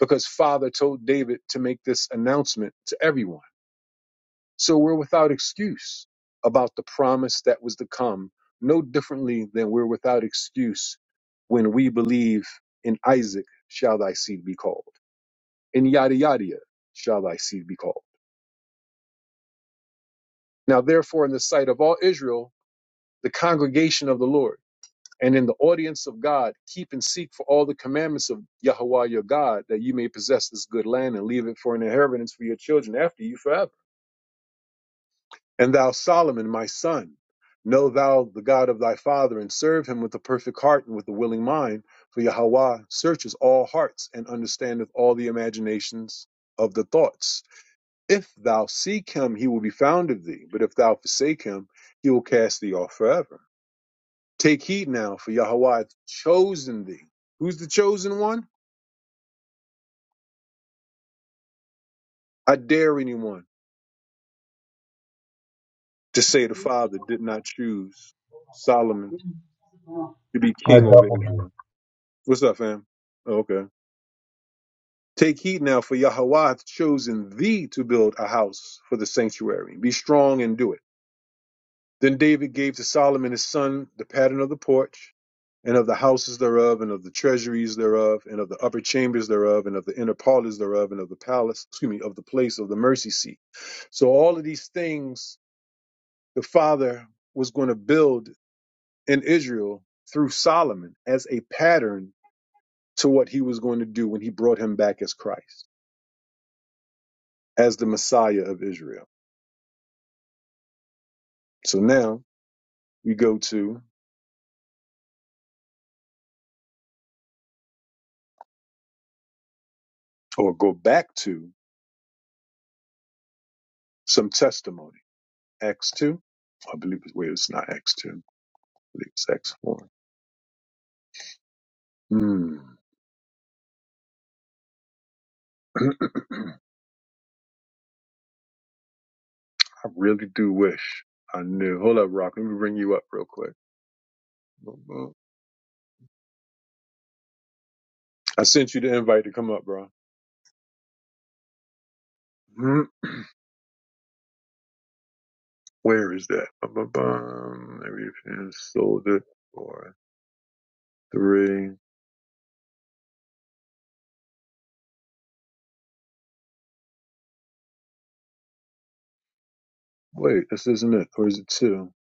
because Father told David to make this announcement to everyone. So we're without excuse about the promise that was to come, no differently than we're without excuse when we believe in Isaac shall thy seed be called, in yada yada yada shall thy seed be called. Now, therefore, in the sight of all Israel, the congregation of the Lord, and in the audience of God, keep and seek for all the commandments of Yahweh your God, that you may possess this good land and leave it for an inheritance for your children after you forever. And thou, Solomon, my son, know thou the God of thy father, and serve him with a perfect heart and with a willing mind. For Yahweh searches all hearts and understandeth all the imaginations of the thoughts. If thou seek him, he will be found of thee. But if thou forsake him, he will cast thee off forever. Take heed now, for Yahweh hath chosen thee. Who's the chosen one? I dare anyone to say the Father did not choose Solomon to be
I
king over
double
Israel. What's up, fam? Oh, okay. Take heed now, for Yahweh hath chosen thee to build a house for the sanctuary. Be strong and do it. Then David gave to Solomon his son the pattern of the porch, and of the houses thereof, and of the treasuries thereof, and of the upper chambers thereof, and of the inner parlors thereof, and of the palace, excuse me, of the place of the mercy seat. So all of these things the father was going to build in Israel through Solomon as a pattern to what he was going to do when he brought him back as Christ, as the Messiah of Israel. So now we go to or go back to some testimony. Acts 2. I believe it's, wait, it's not Acts 2. I believe it's Acts four. Hmm. I really do wish I knew. Hold up, Rock. Let me bring you up real quick. Ba-bum. I sent you the invite to come up, bro. Hmm. Where is that? Ba-ba-bum. Maybe if you sold it Four, three. Wait, this isn't it. Or is it two?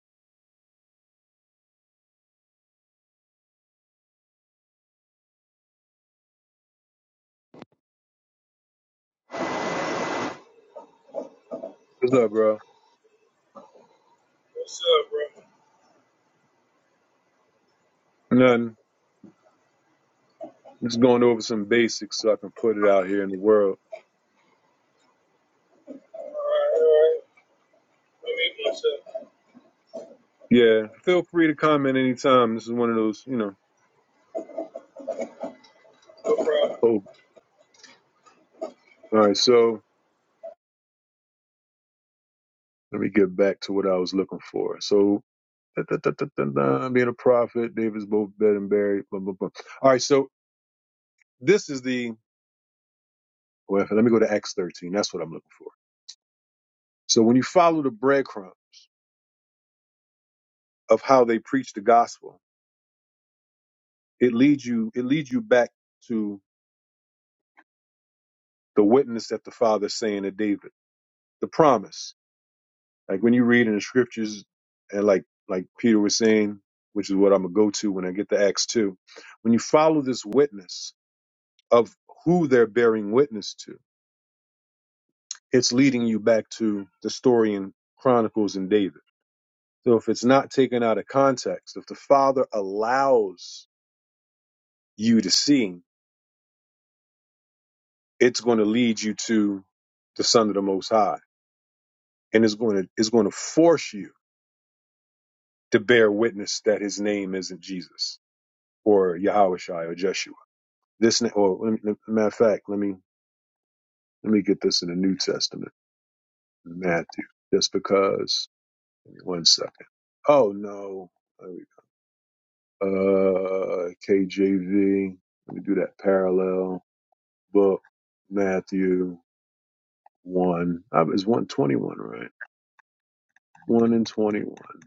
What's up, bro?
What's up, bro?
Nothing. Just going over some basics so I can put it out here in the world.
All right, all right. Let me myself.
Yeah, feel free to comment anytime. This is one of those, you know.
No problem.
Oh, all right. So let me get back to what I was looking for. So da, da, da, da, da, da, being a prophet, David's both dead and buried. Blah, blah, blah. All right. So this is the, well, let me go to Acts 13. That's what I'm looking for. So when you follow the breadcrumb of how they preach the gospel, it leads you, it leads you back to the witness that the father's saying to David, the promise. Like when you read in the scriptures, and like like Peter was saying, which is what I'm gonna go to when I get to Acts two. When you follow this witness of who they're bearing witness to, it's leading you back to the story in Chronicles and David. So if it's not taken out of context, if the Father allows you to see, it's going to lead you to the Son of the Most High, and it's going to it's going to force you to bear witness that His name isn't Jesus or Yahweh or Jeshua This ne- or let me, matter of fact, let me let me get this in the New Testament, Matthew, just because. Give me One second. Oh no, There we go. uh, KJV. Let me do that parallel book. Matthew one. Uh, It's one twenty one, right? One and twenty one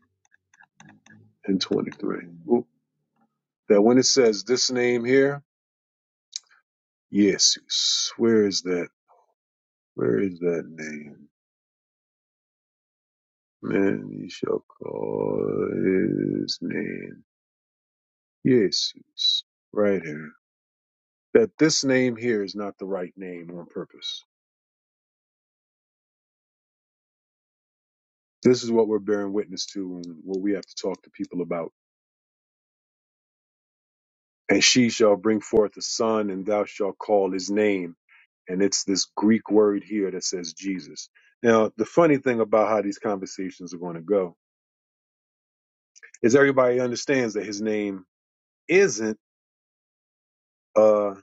and twenty three. That when it says this name here, Jesus. Where is that? Where is that name? Man, he shall call his name. Yes, it's right here. That this name here is not the right name on purpose. This is what we're bearing witness to and what we have to talk to people about. And she shall bring forth a son, and thou shalt call his name. And it's this Greek word here that says Jesus. Now, the funny thing about how these conversations are going to go is everybody understands that his name isn't uh,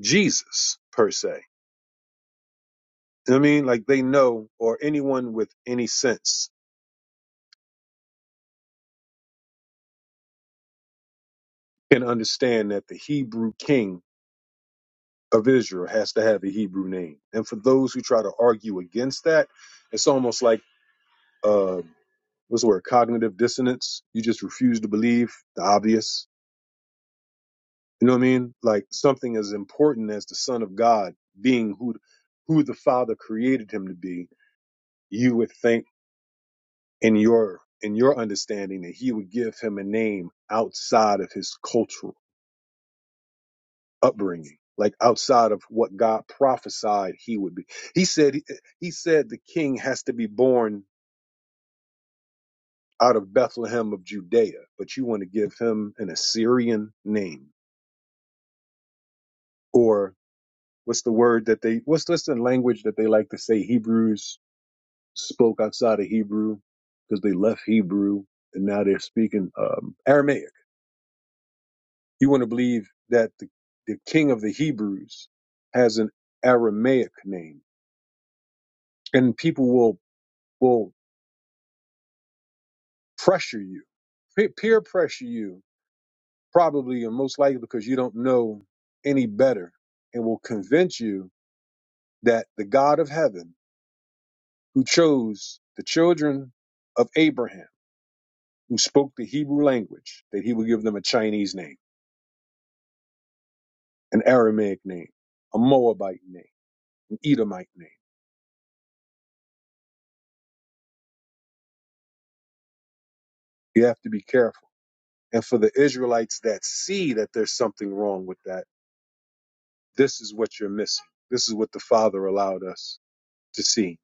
Jesus per se. You know what I mean, like they know, or anyone with any sense can understand that the Hebrew king of Israel has to have a Hebrew name. And for those who try to argue against that, it's almost like uh, what's the word? Cognitive dissonance. You just refuse to believe the obvious. You know what I mean? Like something as important as the Son of God being who who the Father created him to be. You would think in your in your understanding that he would give him a name outside of his cultural. upbringing like outside of what god prophesied he would be he said he said the king has to be born out of bethlehem of judea but you want to give him an assyrian name or what's the word that they what's what's the language that they like to say hebrews spoke outside of hebrew because they left hebrew and now they're speaking um, aramaic you want to believe that the, the king of the hebrews has an aramaic name and people will will pressure you, Pe- peer pressure you, probably and most likely because you don't know any better, and will convince you that the God of heaven, who chose the children of Abraham, who spoke the Hebrew language, that he would give them a Chinese name, an Aramaic name, a Moabite name, an Edomite name. You have to be careful. And for the Israelites that see that there's something wrong with that, this is what you're missing. This is what the Father allowed us to see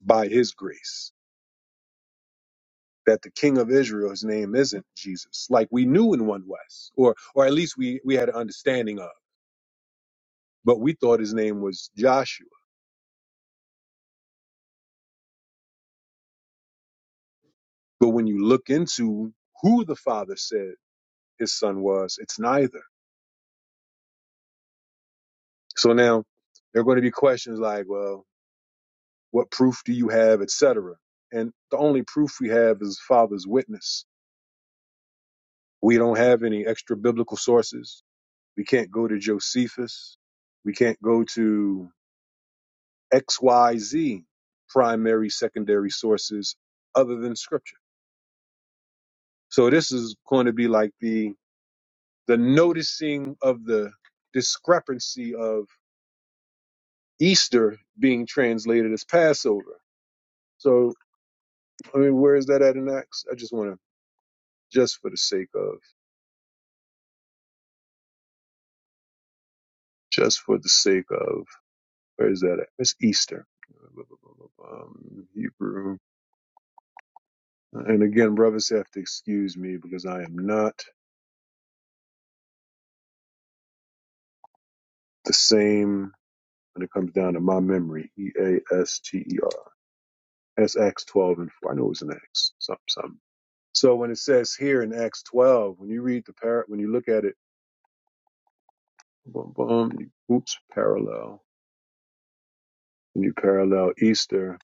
by his grace that the king of Israel, his name isn't Jesus, like we knew in One West, or or at least we we had an understanding of, but we thought his name was Joshua. But when you look into who the father said his son was, it's neither. So now there are going to be questions like, well, what proof do you have, etc. And the only proof we have is father's witness. We don't have any extra biblical sources. We can't go to Josephus. We can't go to XYZ primary, secondary sources other than scripture. So this is going to be like the the noticing of the discrepancy of Easter being translated as Passover. So I mean, where is that at in Acts? I just want to, just for the sake of, just for the sake of, where is that at? It's Easter. Um, Hebrew. And again, brothers have to excuse me because I am not the same when it comes down to my memory. E A S T E R. That's Acts 12 and 4. I know it was in Acts, something, something. So when it says here in Acts 12, when you read the par, when you look at it, boom, boom, you- oops, parallel. When you parallel Easter,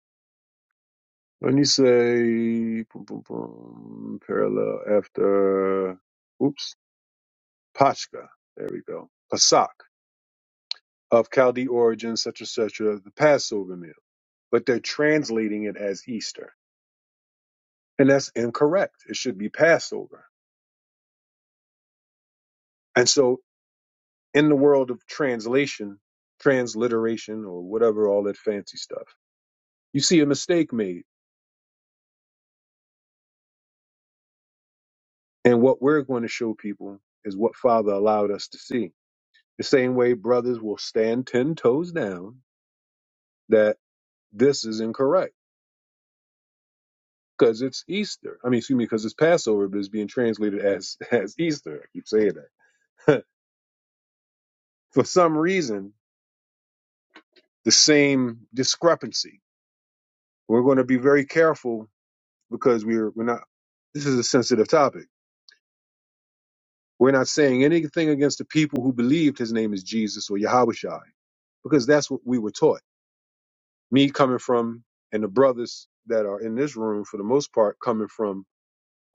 when you say boom, boom, boom, parallel after, oops, Pashka. There we go. Pasak of Chaldee origin, such and such, the Passover meal. But they're translating it as Easter. And that's incorrect. It should be Passover And so, in the world of translation, transliteration, or whatever, all that fancy stuff, you see a mistake made. And what we're going to show people is what Father allowed us to see. The same way brothers will stand 10 toes down that this is incorrect because it's Easter. I mean, excuse me, because it's Passover, but it's being translated as, as Easter. I keep saying that. For some reason, the same discrepancy. We're going to be very careful because we're, we're not, this is a sensitive topic We're not saying anything against the people who believed his name is Jesus or Yahushai, because that's what we were taught. Me coming from, and the brothers that are in this room for the most part coming from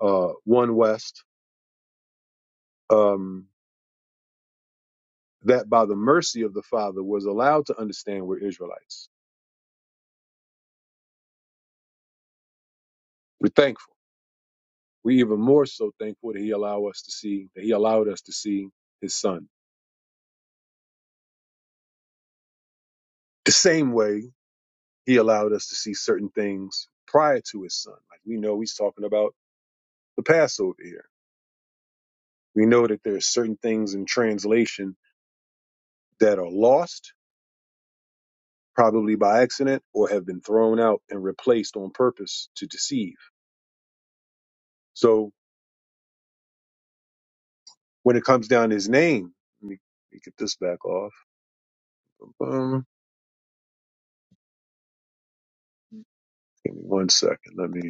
uh, One West, um, that by the mercy of the Father was allowed to understand we're Israelites. We're thankful. We're even more so thankful that He allowed us to see that He allowed us to see His Son. The same way He allowed us to see certain things prior to His Son. Like we know He's talking about the Passover here We know that there are certain things in translation that are lost, probably by accident, or have been thrown out and replaced on purpose to deceive. So when it comes down to his name, let me, let me get this back off. Um, give me one second. Let me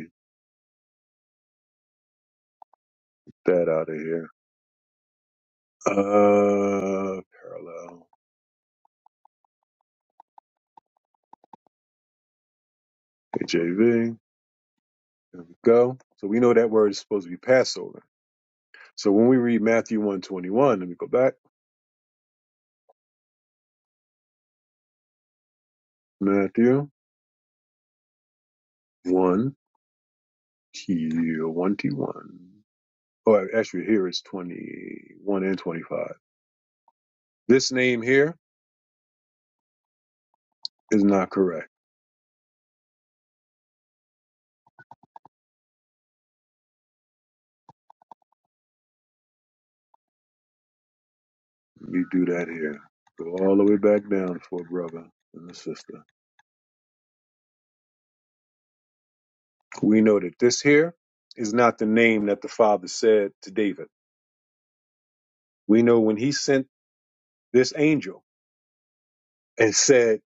get that out of here. Uh, parallel. KJV. There we go. So we know that word is supposed to be Passover. So when we read Matthew 121, let me go back. Matthew 1 21. or actually here it's 21 and 25. This name here is not correct. We do that here. Go all the way back down for a brother and a sister. We know that this here is not the name that the father said to David. We know when he sent this angel and said,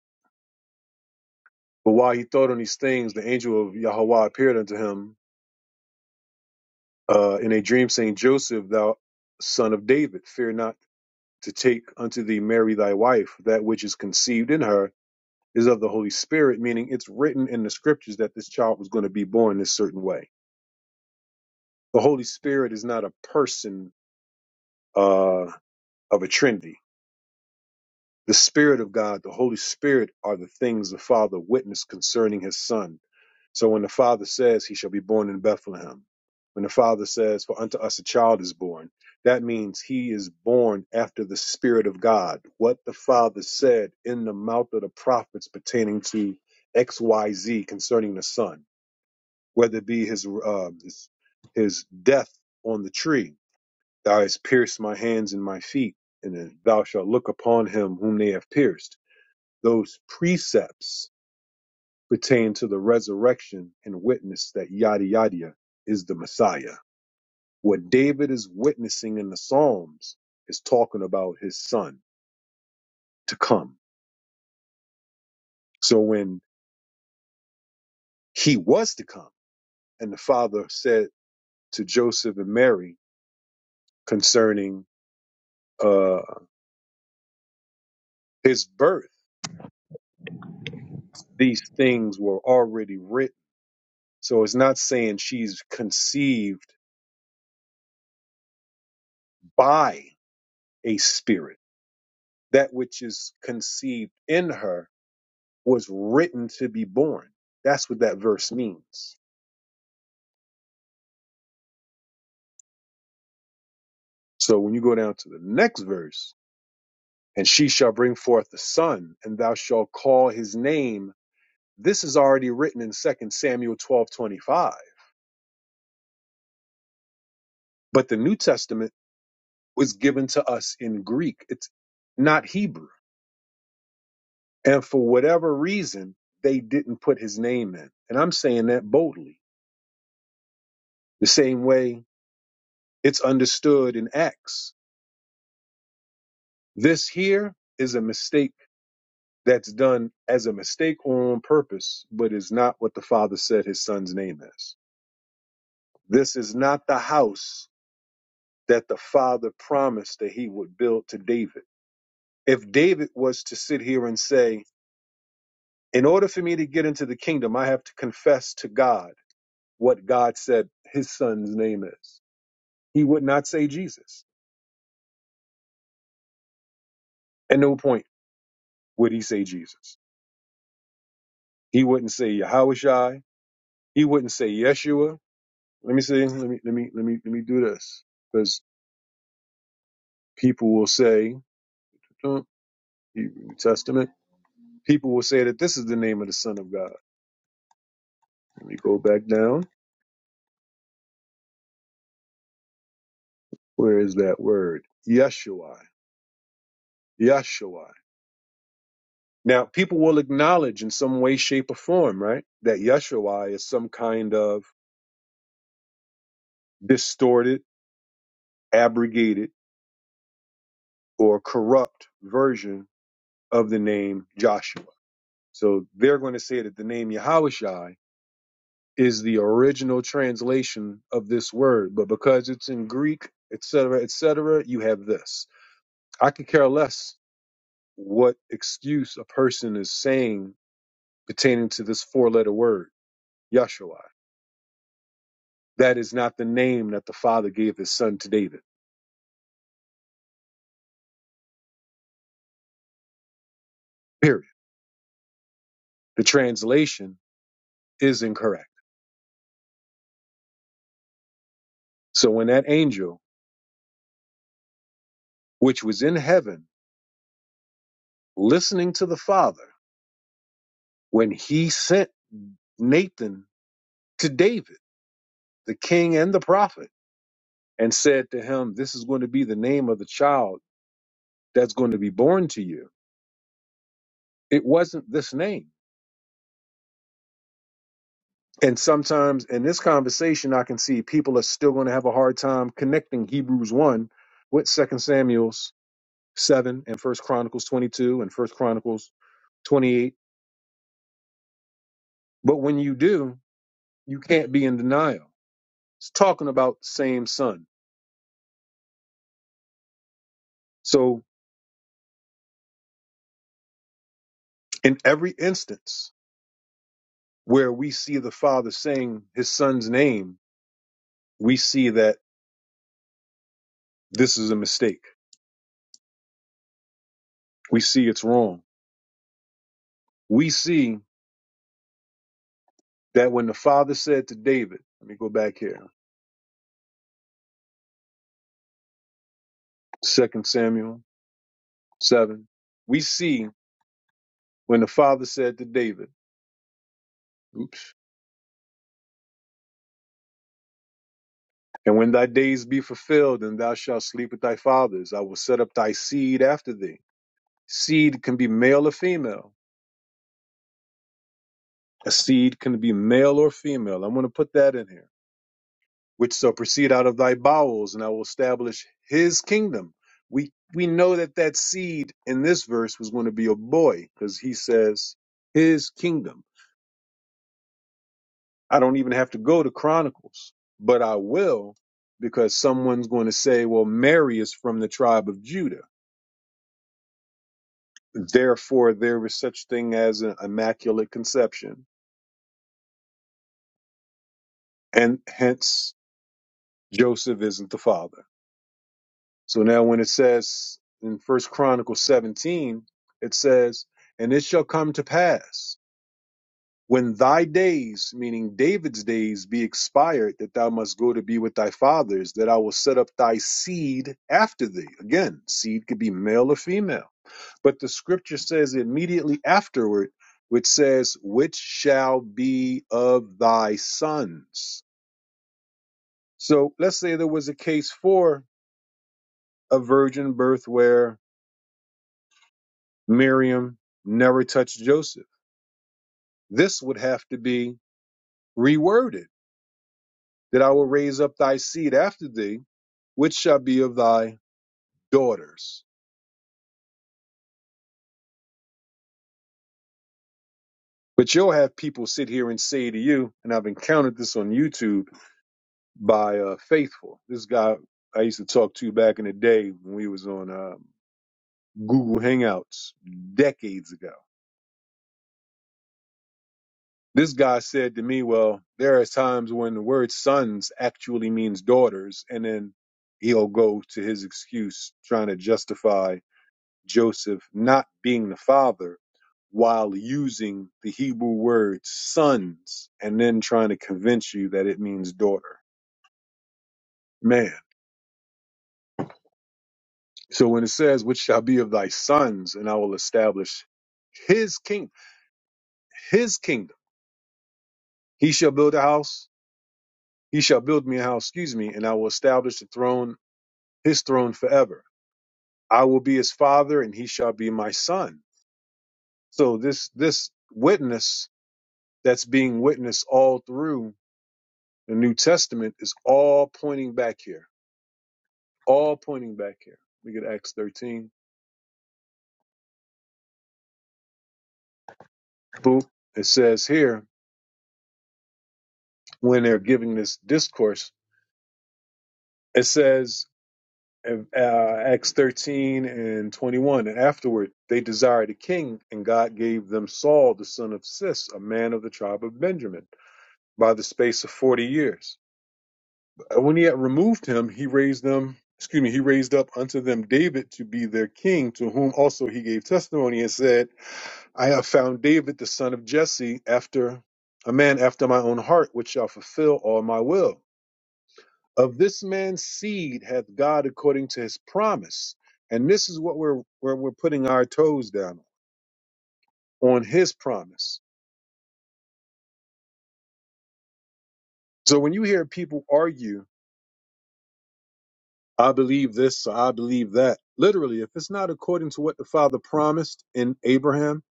but while he thought on these things, the angel of Yahweh appeared unto him uh, in a dream, saying, Joseph, thou son of David, fear not to take unto thee Mary thy wife, that which is conceived in her is of the Holy Spirit, meaning it's written in the scriptures that this child was going to be born this certain way. The Holy Spirit is not a person uh, of a Trinity. The Spirit of God, the Holy Spirit, are the things the Father witnessed concerning His Son. So when the Father says, He shall be born in Bethlehem, when the Father says, For unto us a child is born, that means He is born after the Spirit of God. What the Father said in the mouth of the prophets pertaining to XYZ concerning the Son whether it be his uh, his, his death on the tree, thou hast pierced my hands and my feet, and thou shalt look upon him whom they have pierced. Those precepts pertain to the resurrection and witness that yada yada is the Messiah. What David is witnessing in the Psalms is talking about his son to come. So when he was to come, and the father said to Joseph and Mary concerning uh, his birth these things were already written. So it's not saying she's conceived by a spirit. That which is conceived in her was written to be born. That's what that verse means. So when you go down to the next verse, and she shall bring forth a son, and thou shalt call his name. This is already written in Second Samuel twelve twenty five. But the New Testament was given to us in Greek. It's not Hebrew. And for whatever reason, they didn't put his name in. And I'm saying that boldly, the same way it's understood in Acts. This here is a mistake that's done as a mistake or on purpose, but is not what the Father said his son's name is. This is not the house that the Father promised that he would build to David. If David was to sit here and say, in order for me to get into the kingdom, I have to confess to God what God said his son's name is He would not say Jesus. At no point would he say Jesus. He wouldn't say Yahushai. He wouldn't say Yeshua. Let me see. Let me let me let me let me do this because people will say uh, New Testament. People will say that this is the name of the Son of God. Let me go back down. Where is that word? Yeshua. Yeshua. Now, people will acknowledge in some way, shape, or form, right, that Yeshua is some kind of distorted, abrogated, or corrupt version of the name Joshua. So they're going to say that the name Yahushai is the original translation of this word, but because it's in Greek, etc., etc., you have this. I could care less what excuse a person is saying pertaining to this four-letter word, Yahshua. That is not the name that the Father gave His Son to David. Period. The translation is incorrect. So when that angel, which was in heaven, listening to the Father, when he sent Nathan to David, the king and the prophet, and said to him, This is going to be the name of the child that's going to be born to you. It wasn't this name. And sometimes in this conversation, I can see people are still going to have a hard time connecting Hebrews 1 with Second Samuel 7 and First Chronicles 22 and First Chronicles 28. But when you do, you can't be in denial. It's talking about same son. So in every instance, where we see the father saying his son's name, we see that this is a mistake. We see it's wrong. We see that when the father said to David, let me go back here, Second Samuel 7, we see when the father said to David, oops, and when thy days be fulfilled and thou shalt sleep with thy fathers, I will set up thy seed after thee. Seed can be male or female. A seed can be male or female. I want to put that in here which shall proceed out of thy bowels, and I will establish his kingdom. We we know that that seed in this verse was going to be a boy because he says his kingdom. I don't even have to go to Chronicles, but I will because someone's going to say, well, Mary is from the tribe of Judah. Therefore, there was such thing as an immaculate conception, and hence Joseph isn't the father. So now when it says in First Chronicles 17, it says, And it shall come to pass when thy days, meaning David's days, be expired, that thou must go to be with thy fathers, that I will set up thy seed after thee. Again, seed could be male or female. But the scripture says immediately afterward, which says, Which shall be of thy sons. So let's say there was a case for a virgin birth where Miriam never touched Joseph. This would have to be reworded that I will raise up thy seed after thee, which shall be of thy daughters. But you'll have people sit here and say to you, and I've encountered this on YouTube by uh, Faithful. This guy I used to talk to back in the day when we was on uh, Google Hangouts decades ago This guy said to me, Well, there are times when the word sons actually means daughters. And then he'll go to his excuse trying to justify Joseph not being the father while using the Hebrew word sons and then trying to convince you that it means daughter. Man. So when it says, Which shall be of thy sons, and I will establish his kingdom, his kingdom, he shall build a house, he shall build me a house, excuse me, and I will establish the throne his throne forever. I will be his father and he shall be my son. So this this witness that's being witnessed all through the New Testament is all pointing back here. All pointing back here. We get Acts 13. Boop. It says here when they're giving this discourse, it says uh, Acts 13 and 21, and afterward they desired a king, and God gave them Saul, the son of Cis, a man of the tribe of Benjamin, by the space of 40 years And when he had removed him, he raised them, excuse me, he raised up unto them David to be their king, to whom also he gave testimony and said, I have found David the son of Jesse, after a man after my own heart, which shall fulfill all my will. Of this man's seed hath God according to his promise. And this is what we're where we're putting our toes down on on his promise. So when you hear people argue I believe this, so I believe that. Literally, if it's not according to what the Father promised in Abraham,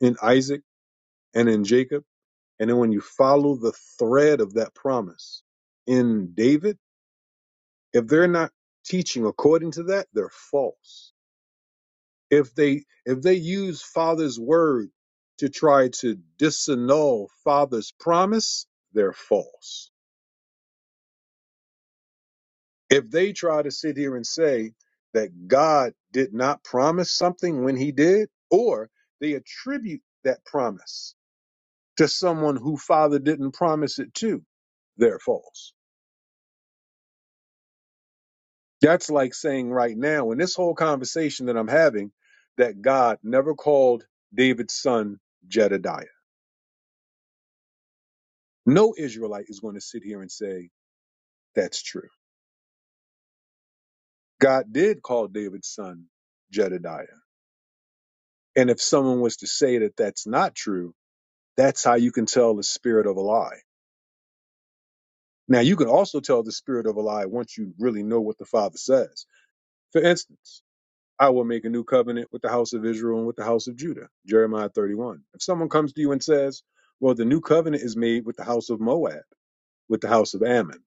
in Isaac, and in Jacob, and then when you follow the thread of that promise in David, if they're not teaching according to that, they're false. If they if they use Father's word to try to disannul Father's promise, they're false. If they try to sit here and say that God did not promise something when he did, or they attribute that promise to someone who Father didn't promise it to, they're false. That's like saying right now in this whole conversation that I'm having that God never called David's son Jedediah. No Israelite is going to sit here and say that's true. God did call David's son Jedediah. And if someone was to say that that's not true, That's how you can tell the spirit of a lie. Now, you can also tell the spirit of a lie once you really know what the Father says. For instance, I will make a new covenant with the house of Israel and with the house of Judah, Jeremiah 31. If someone comes to you and says, Well, the new covenant is made with the house of Moab, with the house of Ammon,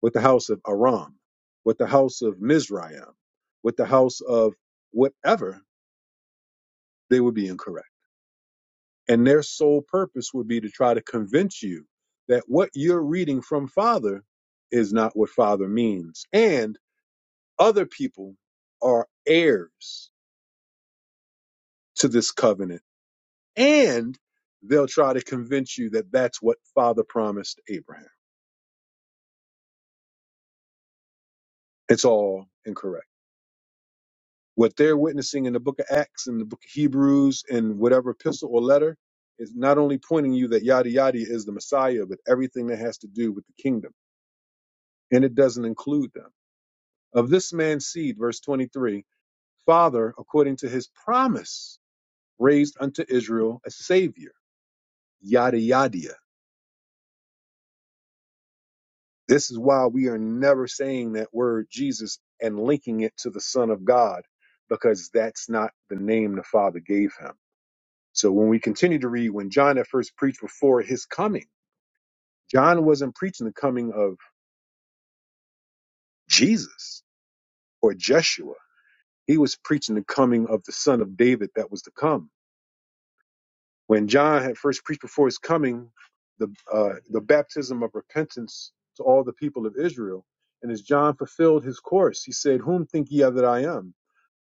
with the house of Aram, with the house of Mizraim, with the house of whatever, they would be incorrect. And their sole purpose would be to try to convince you that what you're reading from Father is not what Father means. And other people are heirs to this covenant. And they'll try to convince you that that's what Father promised Abraham. It's all incorrect. What they're witnessing in the book of Acts and the book of Hebrews and whatever epistle or letter is not only pointing you that yada yada is the Messiah, but everything that has to do with the kingdom. And it doesn't include them. of this man's seed, verse 23, Father, according to his promise, raised unto Israel a savior. Yada, yada. This is why we are never saying that word Jesus and linking it to the Son of God, because that's not the name the Father gave him. So when we continue to read, when John at first preached before his coming, John wasn't preaching the coming of Jesus or Jeshua. He was preaching the coming of the Son of David that was to come When John had first preached before his coming the uh, the baptism of repentance to all the people of Israel, and as John fulfilled his course, he said, "Whom think ye that I am?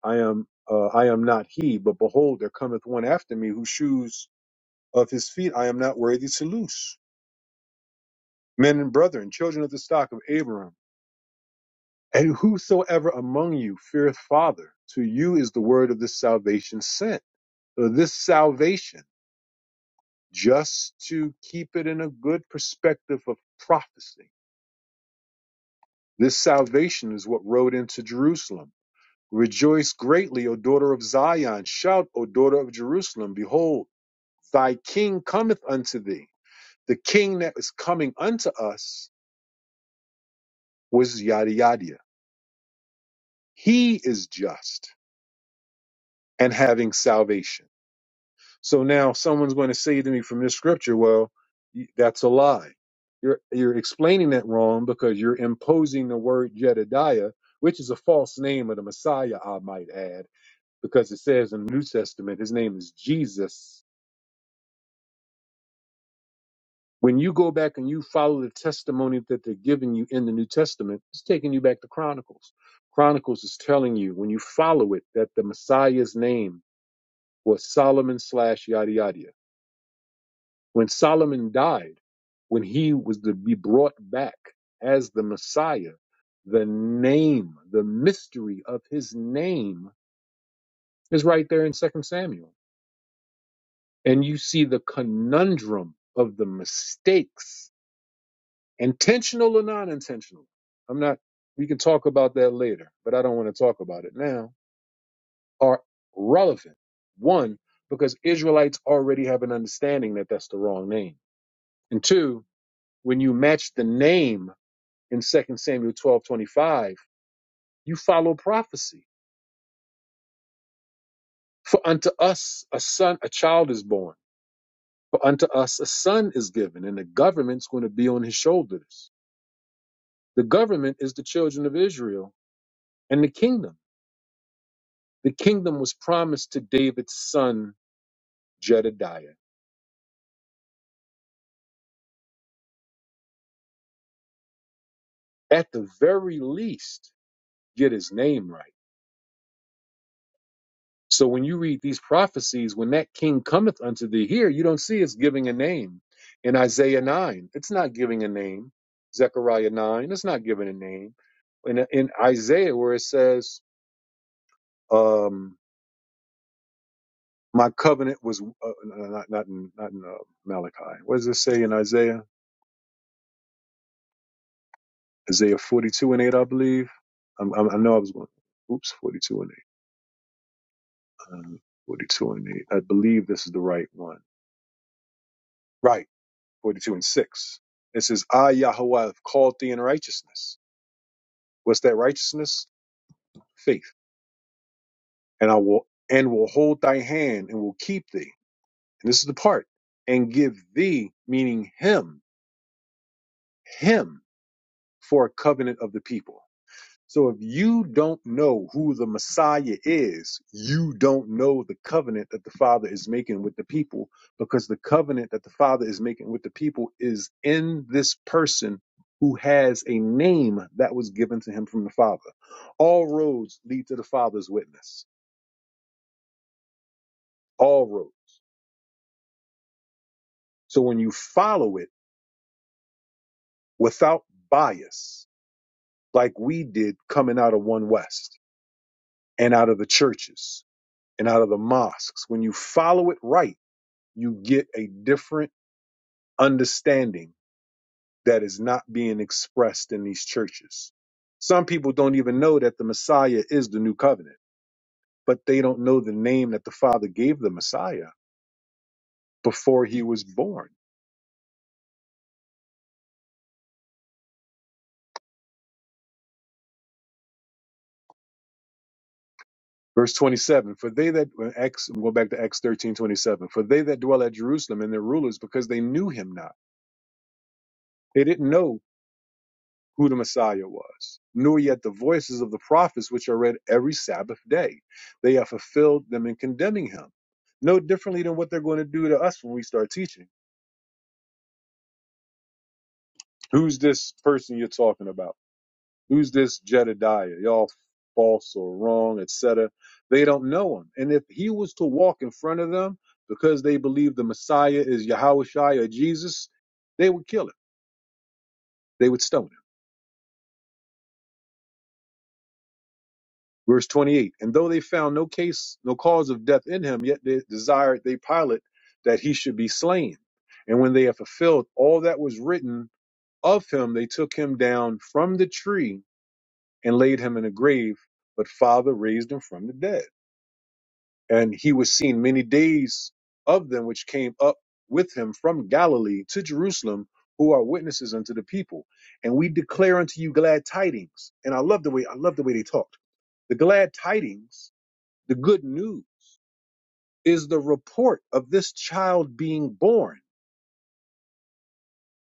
I am uh, I am not he. But behold, there cometh one after me, whose shoes of his feet I am not worthy to loose." Men and brethren, children of the stock of Abraham, and whosoever among you feareth father, to you is the word of this salvation sent. So this salvation just to keep it in a good perspective of prophecy. This salvation is what rode into Jerusalem. Rejoice greatly, O daughter of Zion. Shout, O daughter of Jerusalem. Behold, thy king cometh unto thee. The king that is coming unto us was yada yada. He is just and having salvation. So now someone's going to say to me from this scripture, well, that's a lie. You're, you're explaining that wrong because you're imposing the word Jedediah, which is a false name of the Messiah, I might add, because it says in the New Testament, his name is Jesus. When you go back and you follow the testimony that they're giving you in the New Testament, it's taking you back to Chronicles. Chronicles is telling you, when you follow it, that the Messiah's name was Solomon slash yada yada. When Solomon died, when he was to be brought back as the Messiah, the name, the mystery of his name is right there in Second Samuel. And you see the conundrum of the mistakes, intentional or non intentional. I'm not, we can talk about that later, but I don't want to talk about it now, are relevant. One, because Israelites already have an understanding that that's the wrong name. And two, when you match the name in Second Samuel 12 25, you follow prophecy. For unto us a son, a child is born. For unto us a son is given, and the government's going to be on his shoulders. The government is the children of Israel and the kingdom. The kingdom was promised to David's son, Jedediah. At the very least, get his name right So when you read these prophecies, when that king cometh unto thee here, you don't see it's giving a name. In Isaiah 9, it's not giving a name. Zechariah 9, it's not giving a name. In, in Isaiah, where it says, um, my covenant was, uh, not, not in, not in uh, Malachi. What does it say in Isaiah? Isaiah 42 and 8, I believe. I'm, I'm, I know I was going, oops, 42 and 8. Um, 42 and 8. I believe this is the right one. Right. 42 and 6. It says, I, Yahweh, have called thee in righteousness. What's that righteousness? Faith. And I will and will hold thy hand and will keep thee. And this is the part. And give thee, meaning him, him for a covenant of the people. So if you don't know who the Messiah is, you don't know the covenant that the Father is making with the people because the covenant that the Father is making with the people is in this person who has a name that was given to him from the Father. All roads lead to the Father's witness. All roads. So when you follow it without bias, like we did coming out of One West and out of the churches and out of the mosques, when you follow it right, you get a different understanding that is not being expressed in these churches. Some people don't even know that the Messiah is the new covenant, but they don't know the name that the Father gave the Messiah before he was born. Verse 27, for they that, uh, Acts, we'll go back to Acts 13 27. for they that dwell at Jerusalem and their rulers, because they knew him not. They didn't know who the Messiah was, nor yet the voices of the prophets which are read every Sabbath day. They have fulfilled them in condemning him. No differently than what they're going to do to us when we start teaching. Who's this person you're talking about? Who's this Jedediah? Y'all false or wrong, et cetera. They don't know him. And if he was to walk in front of them because they believe the Messiah is Yahweh or Jesus, they would kill him. They would stone him. Verse 28 And though they found no case, no cause of death in him, yet they desired they Pilate that he should be slain. And when they had fulfilled all that was written of him, they took him down from the tree and laid him in a grave. But Father raised him from the dead. And he was seen many days of them which came up with him from Galilee to Jerusalem, who are witnesses unto the people. And we declare unto you glad tidings. And I love the way I love the way they talked. The glad tidings the good news is the report of this child being born.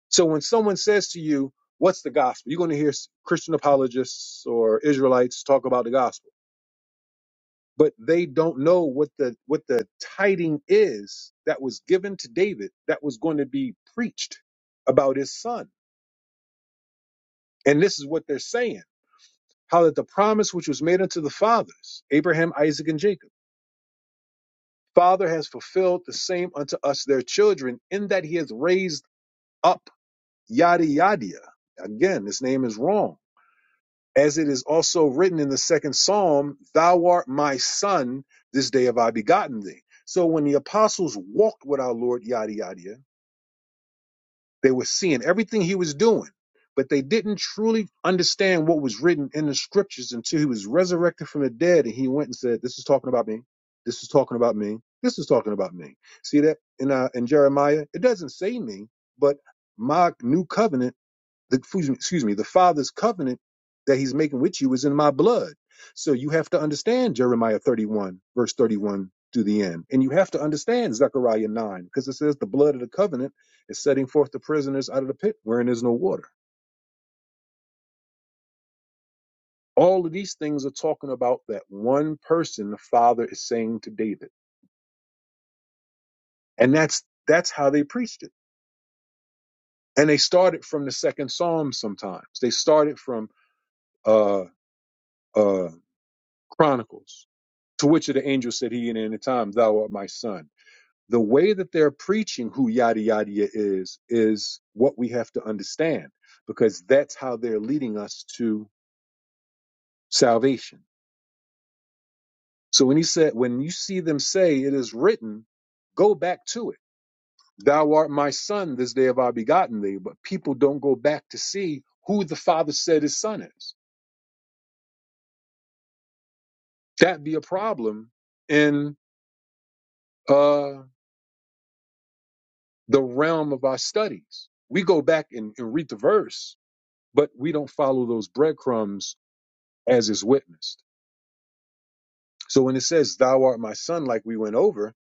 So when someone says to you, What's the gospel? You're going to hear Christian apologists or Israelites talk about the gospel, but they don't know what the what the tiding is that was given to David that was going to be preached about his son. And this is what they're saying how that the promise which was made unto the fathers, Abraham, Isaac, and Jacob, Father has fulfilled the same unto us, their children, in that he has raised up yada yada. Again, this name is wrong. As it is also written in the second psalm, Thou art my son, this day have I begotten thee. So when the apostles walked with our Lord, yada yada, they were seeing everything he was doing, but they didn't truly understand what was written in the scriptures until he was resurrected from the dead and he went and said, This is talking about me. This is talking about me. This is talking about me. See that in uh, in Jeremiah, it doesn't say me, but my new covenant the, excuse me, excuse me, the Father's covenant that he's making with you is in my blood. So you have to understand Jeremiah 31, verse 31 to the end. And you have to understand Zechariah 9, because it says the blood of the covenant is setting forth the prisoners out of the pit wherein is no water. All of these things are talking about that one person the Father is saying to David. And that's that's how they preached it. And they started from the second psalm sometimes. They started from uh uh Chronicles. To which of the angels said he in the end of time, Thou art my son. The way that they're preaching who yada yada ya is, is what we have to understand because that's how they're leading us to salvation. So when he said, when you see them say it is written, go back to it. Thou art my son, this day have I begotten thee. But people don't go back to see who the father said his son is. That be a problem in uh, the realm of our studies. We go back and, and read the verse, but we don't follow those breadcrumbs as is witnessed. So when it says, Thou art my son, like we went over,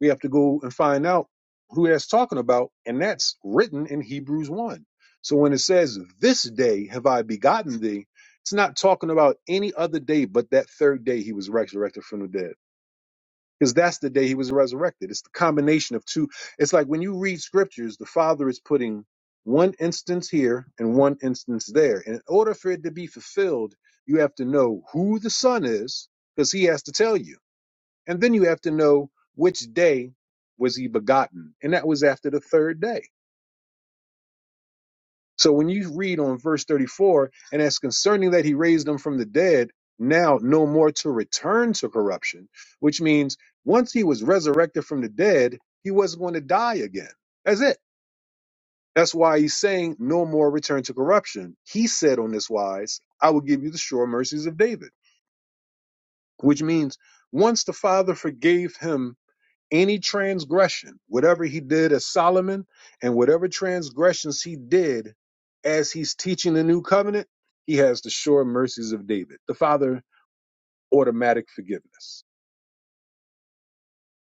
we have to go and find out who that's talking about. And that's written in Hebrews 1. So when it says, This day have I begotten thee, it's not talking about any other day but that third day he was resurrected from the dead. because that's the day he was resurrected. It's the combination of two. It's like when you read scriptures, the Father is putting one instance here and one instance there. And in order for it to be fulfilled, you have to know who the Son is, because he has to tell you. And then you have to know which day was he begotten. And that was after the third day. So when you read on verse 34, and as concerning that he raised them from the dead, now no more to return to corruption, which means once he was resurrected from the dead, he wasn't going to die again. That's it. That's why he's saying no more return to corruption. He said on this wise, I will give you the sure mercies of David, which means once the Father forgave him any transgression, whatever he did as Solomon, and whatever transgressions he did as he's teaching the new covenant, he has the sure mercies of David, the Father, automatic forgiveness.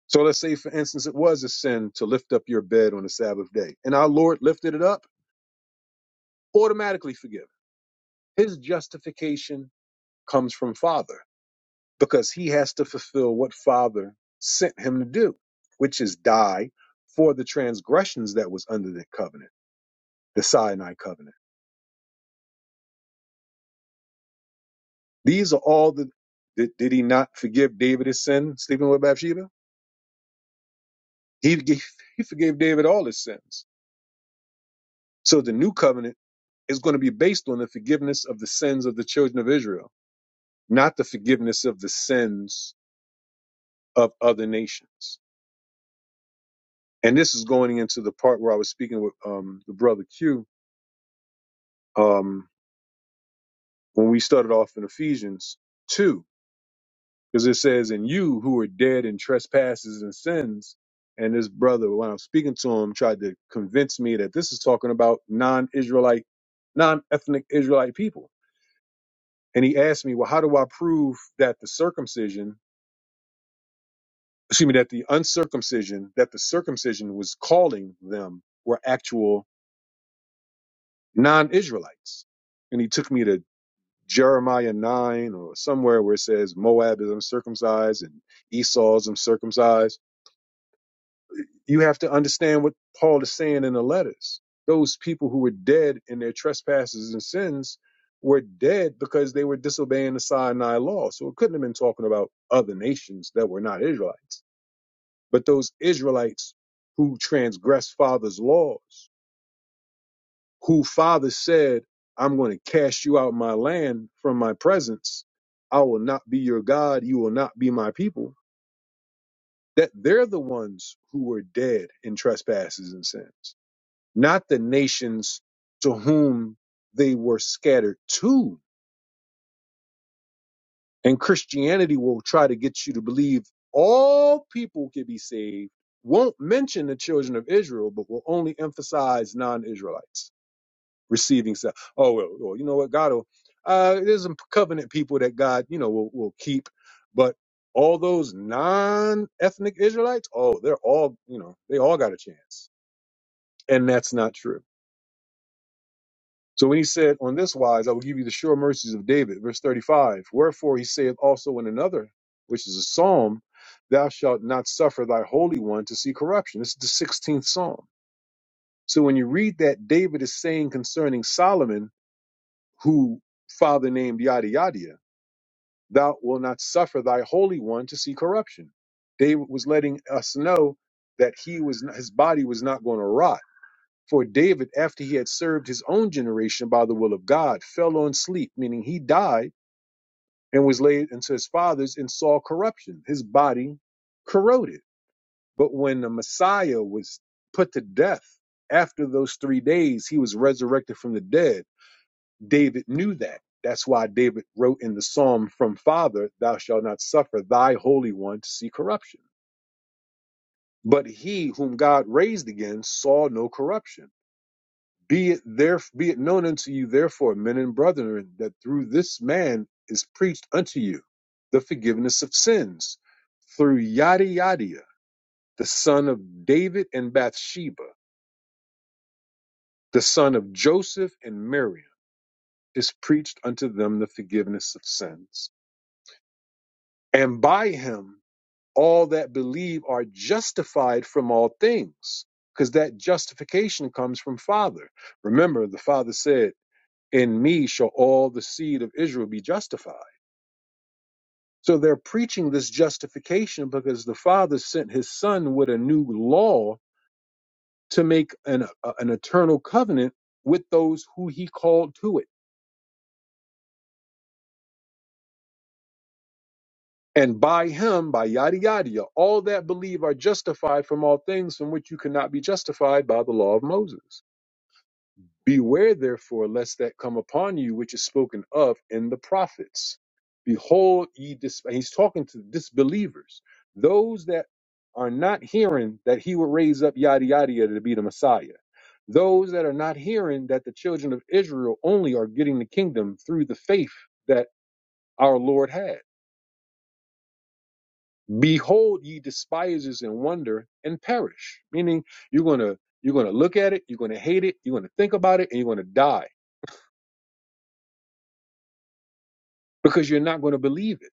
So let's say, for instance, it was a sin to lift up your bed on the Sabbath day, and our Lord lifted it up, automatically forgiven. His justification comes from Father because he has to fulfill what Father sent him to do, which is die for the transgressions that was under the covenant the Sinai covenant. These are all the. Did, did he not forgive David his sin, sleeping with Bathsheba? He gave, he forgave David all his sins. So the new covenant is going to be based on the forgiveness of the sins of the children of Israel, not the forgiveness of the sins of other nations. And this is going into the part where I was speaking with um, the brother Q um, when we started off in Ephesians two Because it says, "And you who are dead in trespasses and sins." And this brother, when I'm speaking to him, tried to convince me that this is talking about non-Israelite, non-ethnic Israelite people. And he asked me, "Well, how do I prove that the circumcision, excuse me, that the uncircumcision, that the circumcision was calling them were actual non-Israelites?" And he took me to Jeremiah 9 or somewhere where it says Moab is uncircumcised and Esau is uncircumcised You have to understand what Paul is saying in the letters. Those people who were dead in their trespasses and sins were dead because they were disobeying the Sinai law. So it couldn't have been talking about other nations that were not Israelites. But those Israelites who transgressed Father's laws, who Father said, I'm going to cast you out of my land from my presence. I will not be your God. You will not be my people. That they're the ones who were dead in trespasses and sins. not the nations to whom they were scattered to. And Christianity will try to get you to believe all people can be saved, won't mention the children of Israel, but will only emphasize non Israelites receiving stuff. Oh, well, well, you know what? God will, uh, there's some covenant people that God, you know, will, will keep, but all those non ethnic Israelites, oh, they're all, you know, they all got a chance. And that's not true So when he said, On this wise I will give you the sure mercies of David, verse 35, wherefore he saith also in another, which is a psalm, Thou shalt not suffer thy Holy One to see corruption. This is the 16th psalm. So when you read that, David is saying concerning Solomon, who father named yada yada, yada, thou wilt not suffer thy Holy One to see corruption. David was letting us know that he was his body was not going to rot for David, after he had served his own generation by the will of God, fell on sleep, meaning he died and was laid into his fathers and saw corruption. His body corroded. But when the Messiah was put to death, after those three days, he was resurrected from the dead. David knew that. That's why David wrote in the psalm, From Father, thou shalt not suffer thy Holy One to see corruption. But he whom God raised again saw no corruption. Be it there, be it known unto you, therefore, men and brethren, that through this man is preached unto you the forgiveness of sins, through yada yada, the son of David and Bathsheba, the son of Joseph and Miriam, is preached unto them the forgiveness of sins. And by him all that believe are justified from all things, because that justification comes from Father. Remember, the Father said. in me shall all the seed of Israel be justified. So they're preaching this justification because the Father sent his Son with a new law to make an, a- an eternal covenant with those who he called to it. And by him, by yada yada, yada, all that believe are justified from all things from which you cannot be justified by the law of Moses. Beware therefore lest that come upon you which is spoken of in the prophets. Behold, ye dis- and he's talking to disbelievers, those that are not hearing that he would raise up yada yada yada to be the Messiah, those that are not hearing that the children of Israel only are getting the kingdom through the faith that our Lord had. Behold, ye despisers and wonder and perish. Meaning, you're gonna you're gonna look at it, you're gonna hate it, you're gonna think about it, and you're gonna die because you're not going to believe it.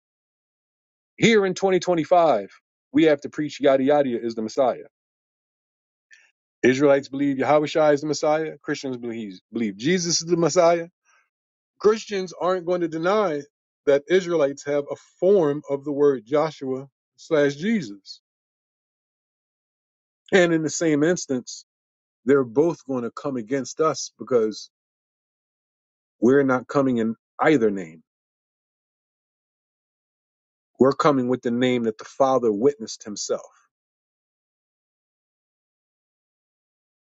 Here in 2025, we have to preach yada yada is the Messiah. Israelites believe Yahushua is the Messiah. Christians believe, believe Jesus is the Messiah. Christians aren't going to deny that Israelites have a form of the word Joshua slash Jesus. And in the same instance, they're both going to come against us because we're not coming in either name. We're coming with the name that the Father witnessed himself.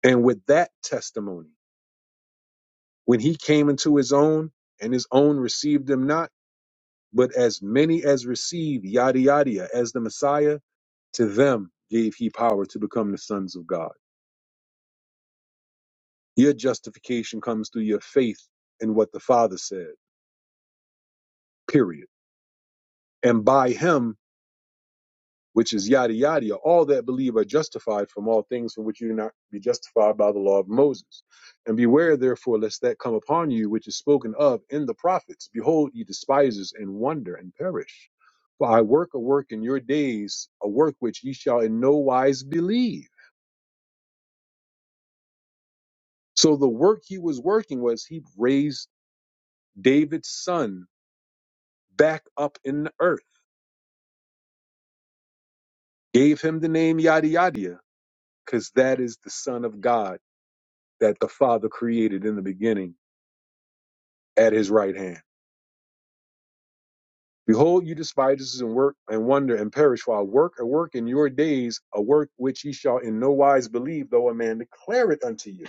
And with that testimony, When he came into his own, and his own received him not, but as many as received yada yada as the Messiah, to them gave he power to become the sons of God. Your justification comes through your faith in what the Father said. Period. And by him which is yada yada, yada. all that believe are justified from all things from which you do not be justified by the law of Moses. And beware therefore lest that come upon you which is spoken of in the prophets. Behold, ye despisers, and wonder and perish. For I work a work in your days, a work which ye shall in no wise believe. So the work he was working was he raised David's son back up in the earth, gave him the name yada yada, because that is the son of God that the Father created in the beginning at his right hand. Behold, you despise and work and wonder and perish, for I work a work in your days, a work which ye shall in no wise believe, though a man declare it unto you.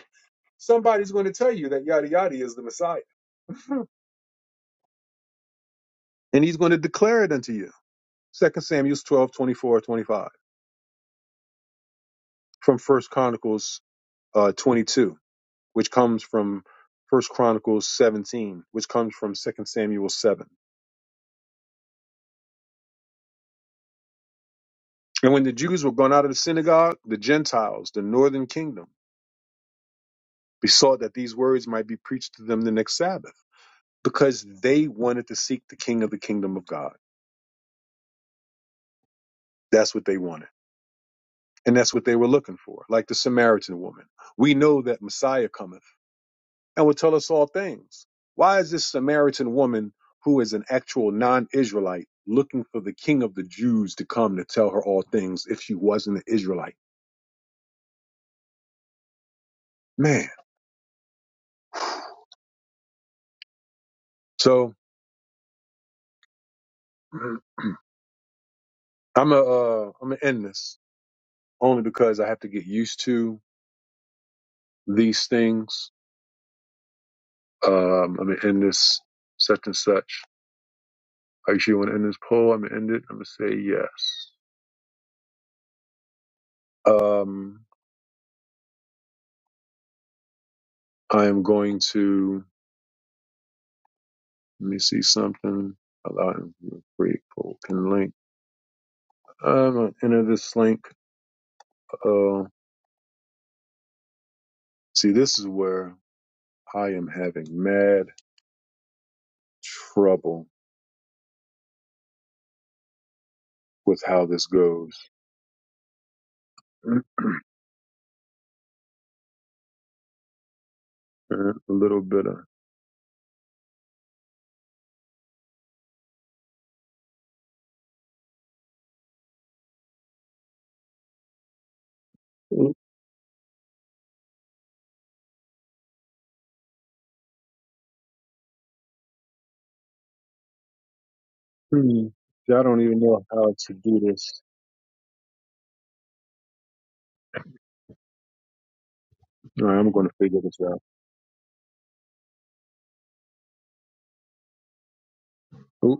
Somebody's going to tell you that yada yada is the Messiah, and he's going to declare it unto you. Second Samuel 12, twenty-four, 25, from First Chronicles uh, 22, which comes from First Chronicles 17, which comes from Second Samuel 7. And when the Jews were gone out of the synagogue, the Gentiles, the northern kingdom, besought that these words might be preached to them the next Sabbath because they wanted to seek the king of the kingdom of God. That's what they wanted. And that's what they were looking for, like the Samaritan woman. We know that Messiah cometh and will tell us all things. Why is this Samaritan woman, who is an actual non Israelite, looking for the king of the Jews to come to tell her all things if she wasn't an Israelite? Man. So I'm a, uh, I'm gonna end this only because I have to get used to these things Um, I'm gonna end this such and such. Actually, you want to end this poll? I'm gonna end it. I'm gonna say yes. Um, I am going to let me see something. Allow him to create poll pin link. I'm gonna enter this link. Uh, see, this is where I am having mad trouble with how this goes. a little bit of. I don't even know how to do this. All right, I'm going to figure this out.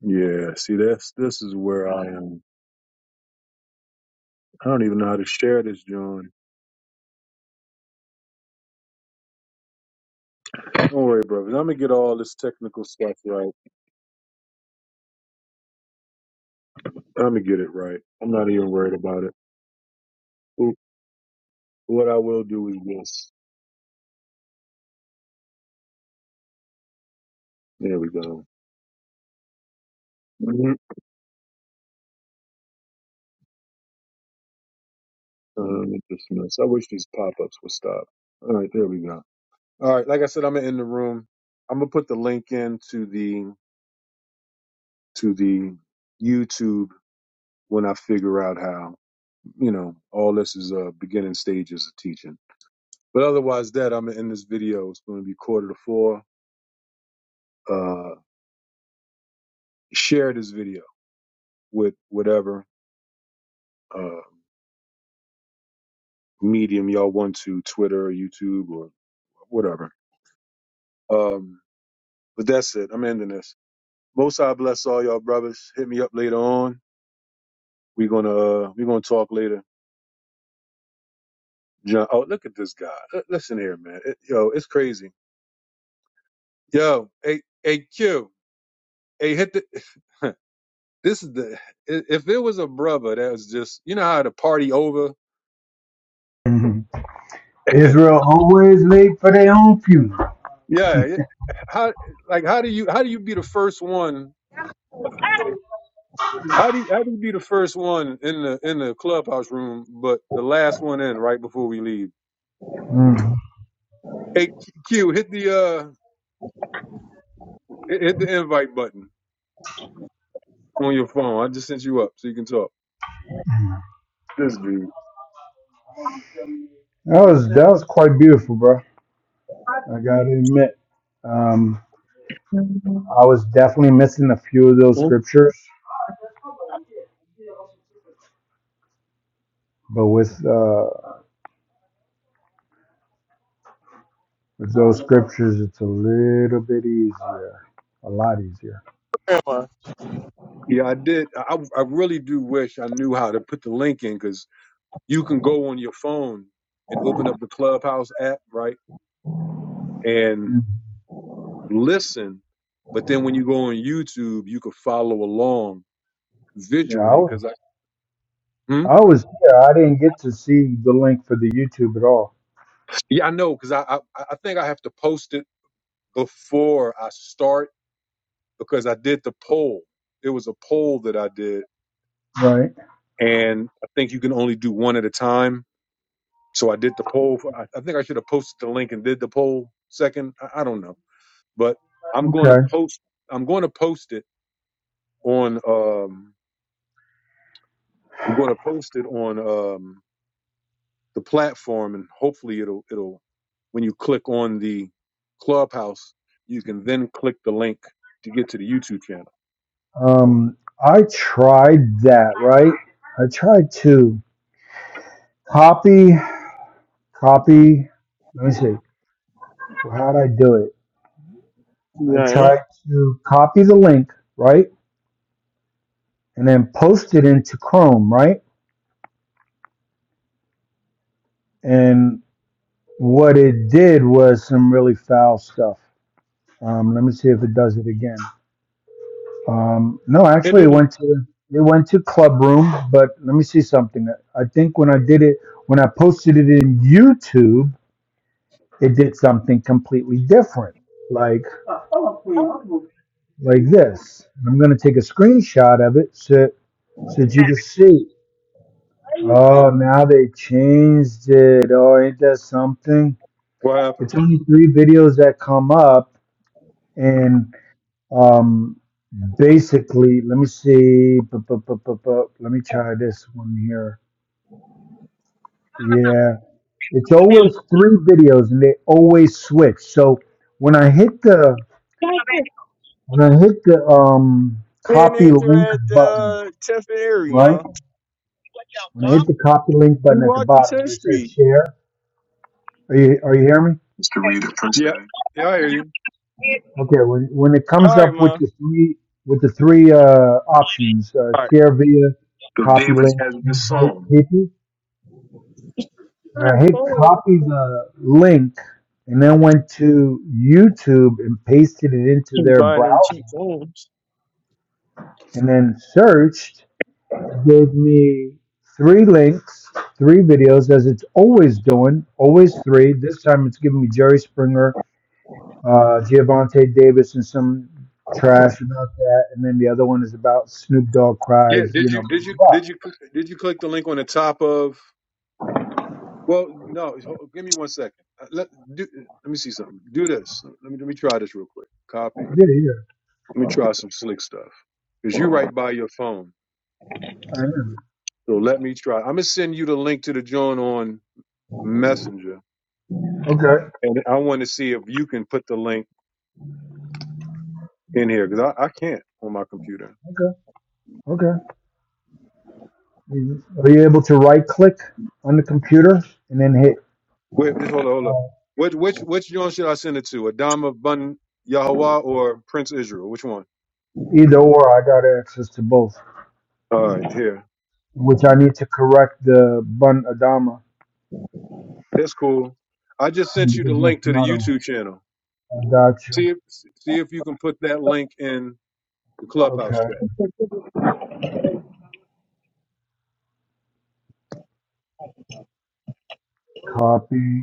Yeah, see, that's this is where I am. I don't even know how to share this, John. Don't worry, brother. I'm gonna get all this technical stuff right. I'm gonna get it right. I'm not even worried about it. Wh- What I will do is this. There we go. Mhm. Um, dismiss. I wish these pop-ups would stop. All right, there we go. All right, like I said, I'm gonna end the room. I'm gonna put the link in to the to the YouTube when I figure out how. You know, all this is uh beginning stages of teaching. But otherwise, that I'm gonna end this video. It's gonna be quarter to four. Uh, share this video with whatever uh, medium y'all want to, Twitter or YouTube or whatever. Um, but that's it. I'm ending this. Most I bless all y'all brothers. Hit me up later on. We're gonna uh, we're gonna talk later. John, oh look at this guy. L- listen here, man. It- yo, it's crazy. Yo, hey, hey, Q, hey, hit the. this is the. i- If it was a brother that was just, you know how the party over.
hmm Israel always late for their own funeral.
Yeah. yeah. How like how do you how do you be the first one?
Yeah, man.
How do you, how do you be the first one in the in the clubhouse room, but the last one in right before we leave?
hmm
Hey Q, hit the uh hit hit the invite button on your phone. I just sent you up so you can talk. This dude.
That was that was quite beautiful, bro. I gotta admit, um, I was definitely missing a few of those scriptures, but with uh, with those scriptures, it's a little bit easier, a lot easier.
Yeah, I did. I I really do wish I knew how to put the link in because you can go on your phone and open up the clubhouse app, right, and
Mhm.
listen. But then when you go on YouTube, you can follow along
Yeah, I
visually
was
because I Hmm?
I was here. I didn't get to see the link for the YouTube at all.
yeah I know because I, I I think I have to post it before I start because I did the poll. It was a poll that I did,
Right.
and I think you can only do one at a time. So I did the poll. For, I, I think I should have posted the link and did the poll second. I, I don't know, but I'm going to
Okay.
post. I'm going to post it on. Um, I'm going to post it on. um. the platform and hopefully it'll it'll when you click on the clubhouse you can then click the link to get to the youtube channel
Um, I tried that. Right. I tried to. Copy, copy. Let me see. Well, how'd I do it? I tried to copy the link, right? And then post it into Chrome, right? And what it did was some really foul stuff. Um, let me see if it does it again. Um, no,
it
actually, it
didn't
went to it went to Club Room, but let me see something. I think when I did it, when I posted it in YouTube, it did something completely different, like like this. And I'm going to take a screenshot of it so So that you could see. Oh, now they changed it. Oh, ain't that something?
what
It's
happened
only three videos that come up, and um, basically, let me see. Bu- bu- bu- bu- bu- Let me try this one here. Yeah, it's always three videos, and they always switch. So when I hit the when I hit the um
Me and
copy
Andrew
link
at
button,
uh, 10th and Erie,
right?
man.
When I hit the copy link
We
button at the
walked to
bottom
10th
where it says
Street.
share, are you are you hearing me?
Mr. Reader, yeah yeah i hear you
Okay, when when it
All
comes
right,
up with
man.
the three with the three uh, options, uh,
All
share via,
So
copy
David
link,
has this
invite
song.
people. When I hit
right.
copy the link and then went to YouTube and pasted it into
Keep
their
buying them cheap
browser
phones.
and then searched, it gave me three links, three videos as it's always doing, always three. This time it's giving me Jerry Springer uh, Giavante Davis and some trash about that, and then the other one is about Snoop Dogg
yeah
cries,
did
you know,
you
blah
did you
blah blah.
did you did you click the link on the top of well no ho- give me one second Uh, let do, let me see something do this let me let me try this real quick copy
Good here.
let me try some slick stuff because you right by your phone
I am.
So let me try. I'm gonna send you the link to the joint on Messenger,
Okay.
and I want to see if you can put the link in here because I, I can't on my computer.
Okay. Okay. Are you able to right click on the computer and then hit
Wait, just hold on, hold on.
uh,
Which which which joint should I send it to? Adama Bun Yahweh or Prince Israel? Which one?
either or? I got access to both,
All right, here.
which I need to correct the bun Adama
That's cool. I just sent you
because
the
that's
link to the
not on.
YouTube channel.
I got you.
See if see if you can put that link in the clubhouse
Okay.
chat.
Copy.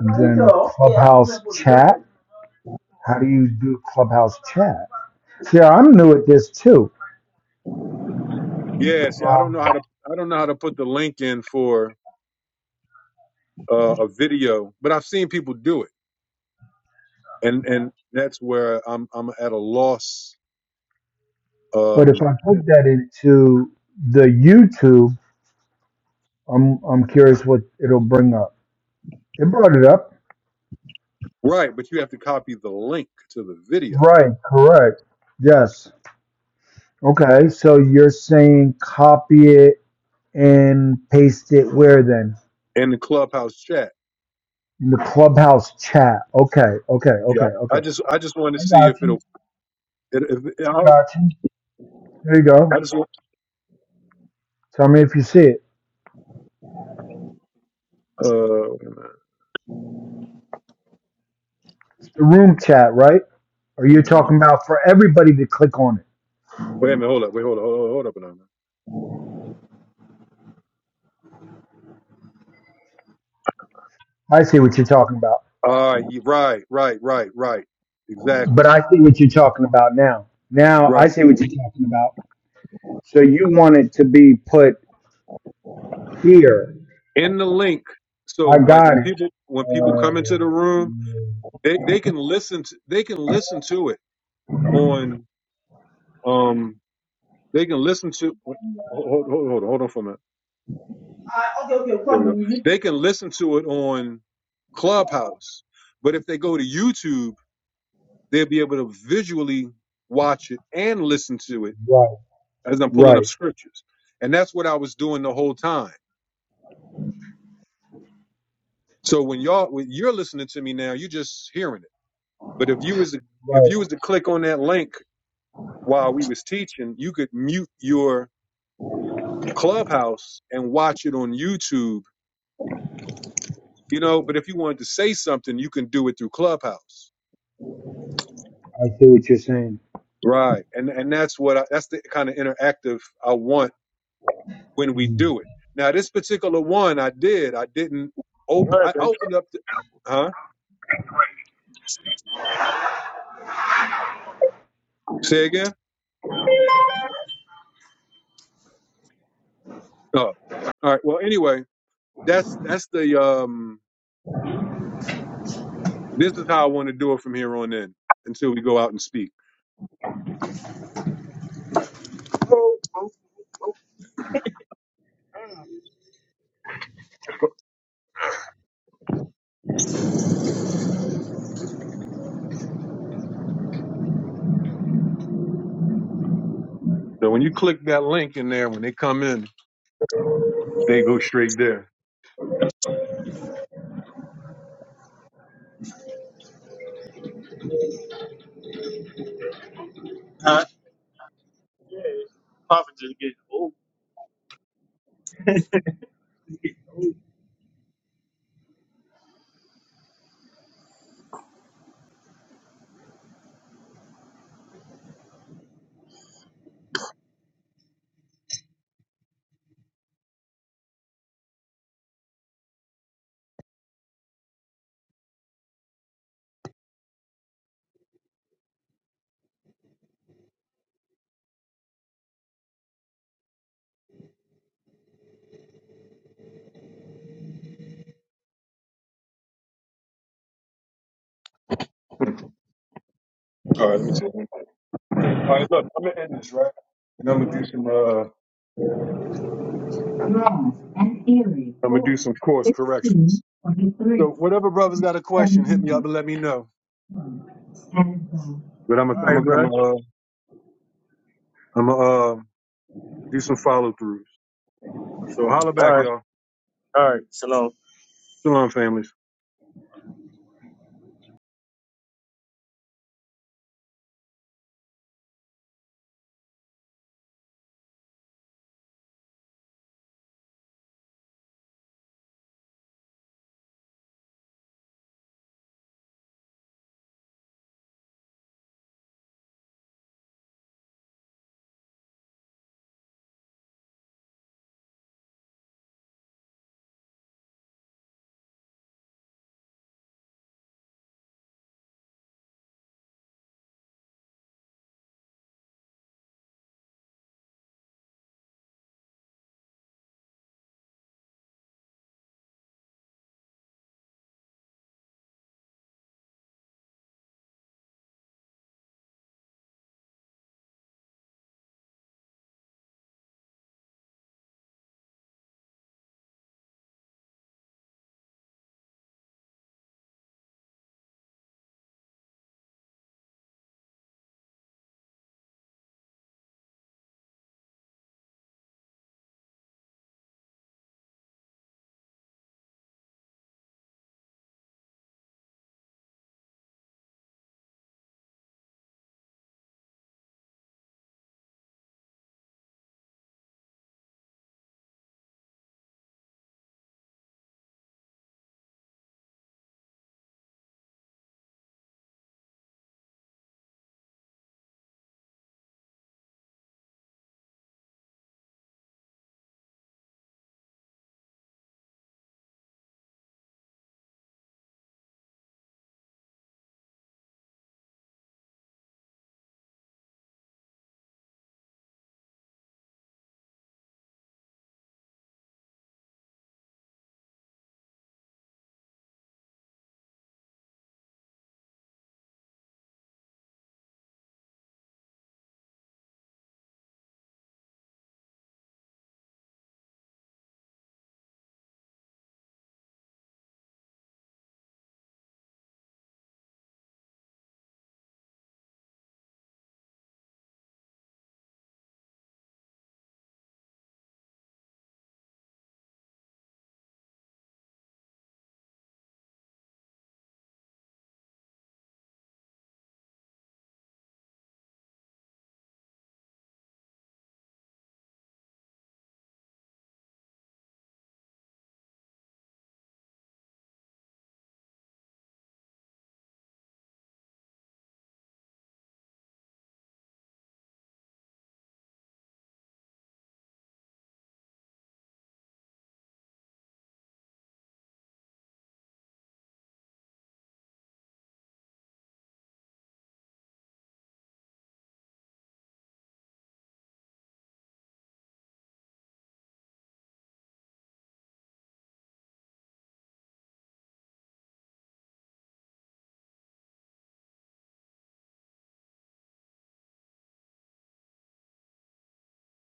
And then Clubhouse chat. How do you do Clubhouse chat? See, I'm new at this too.
Yeah. See, I don't
Um,
know how to I don't know how to put the link in for uh, a video, but I've seen people do it. and and that's where I'm I'm at a loss.
but if
Um,
I put that into the YouTube, I'm I'm curious what it'll bring up. It brought it up.
right, but you have to copy the link to the video
Right, correct. Yes. Okay, so you're saying copy it and paste it where then?
in the clubhouse chat.
In the clubhouse chat. Okay, okay, okay,
Yeah,
okay.
I just I just wanted to see if it'll. It, if, I,
There you
I
go.
just want-
Tell me if you see it.
uh
It's the room chat, right? Or you're talking about for everybody to click on it.
wait a minute, hold up, wait, hold up, hold up, hold up a minute.
I see what you're talking about.
All right, you- right, right, right, right, exactly,
But I see what you're talking about now. Now I
right.
see what you're talking about. So you want it to be put here.
In the link,
I
so like
got
when
it.
people when people come into the room,
Uh,
they they can listen to they can listen to it on um they can listen to hold hold hold, hold on for a minute There we go. They can listen to it on Clubhouse, but if they go to YouTube, they'll be able to visually watch it and listen to it
right,
as I'm pulling up
right,
scriptures. And that's what I was doing the whole time. So when y'all when you're listening to me now, you're just hearing it. But if you was to, if
right.
you was to click on that link while we was teaching, you could mute your Clubhouse and watch it on YouTube. You know, but if you wanted to say something, you can do it through Clubhouse.
I see what you're saying.
Right. And and that's what I, that's the kind of interactive I want when we do it. Now this particular one I did. I didn't
All
open
right,
I
baby.
opened up the huh? Say again? Oh. All right. Well anyway, that's that's the um this is how I want to do it from here on in until we go out and speak.
Oh, oh.
So when you click that link in there, when they come in, they go straight there.
All right. Papa just getting old.
Hmm. All right, let me see. All right, look, I'm gonna end this, right? And I'm gonna do some uh
Ross and Erie,
I'm gonna do
four,
some course corrections.
fifteen, twenty-three,
So whatever brothers got a question, hit me up
seventeen,
and let me know.
and All
But I'm a, I'm
right,
a, I'm
bro.
a, uh, I'm a, uh, do some follow throughs. So holla
All
back,
right.
y'all.
All right. Shalom.
Shalom, families.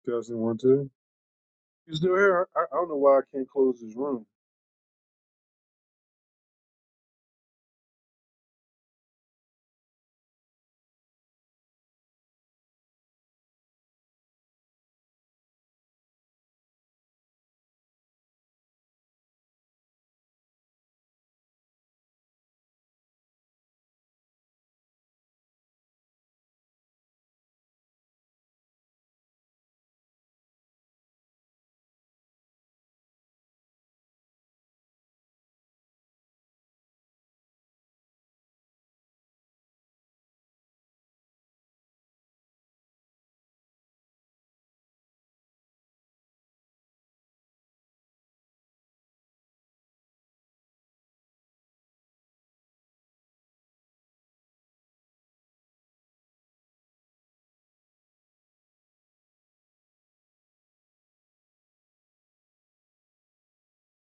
Two thousand one two. You still here? I, I don't know why I can't close this room.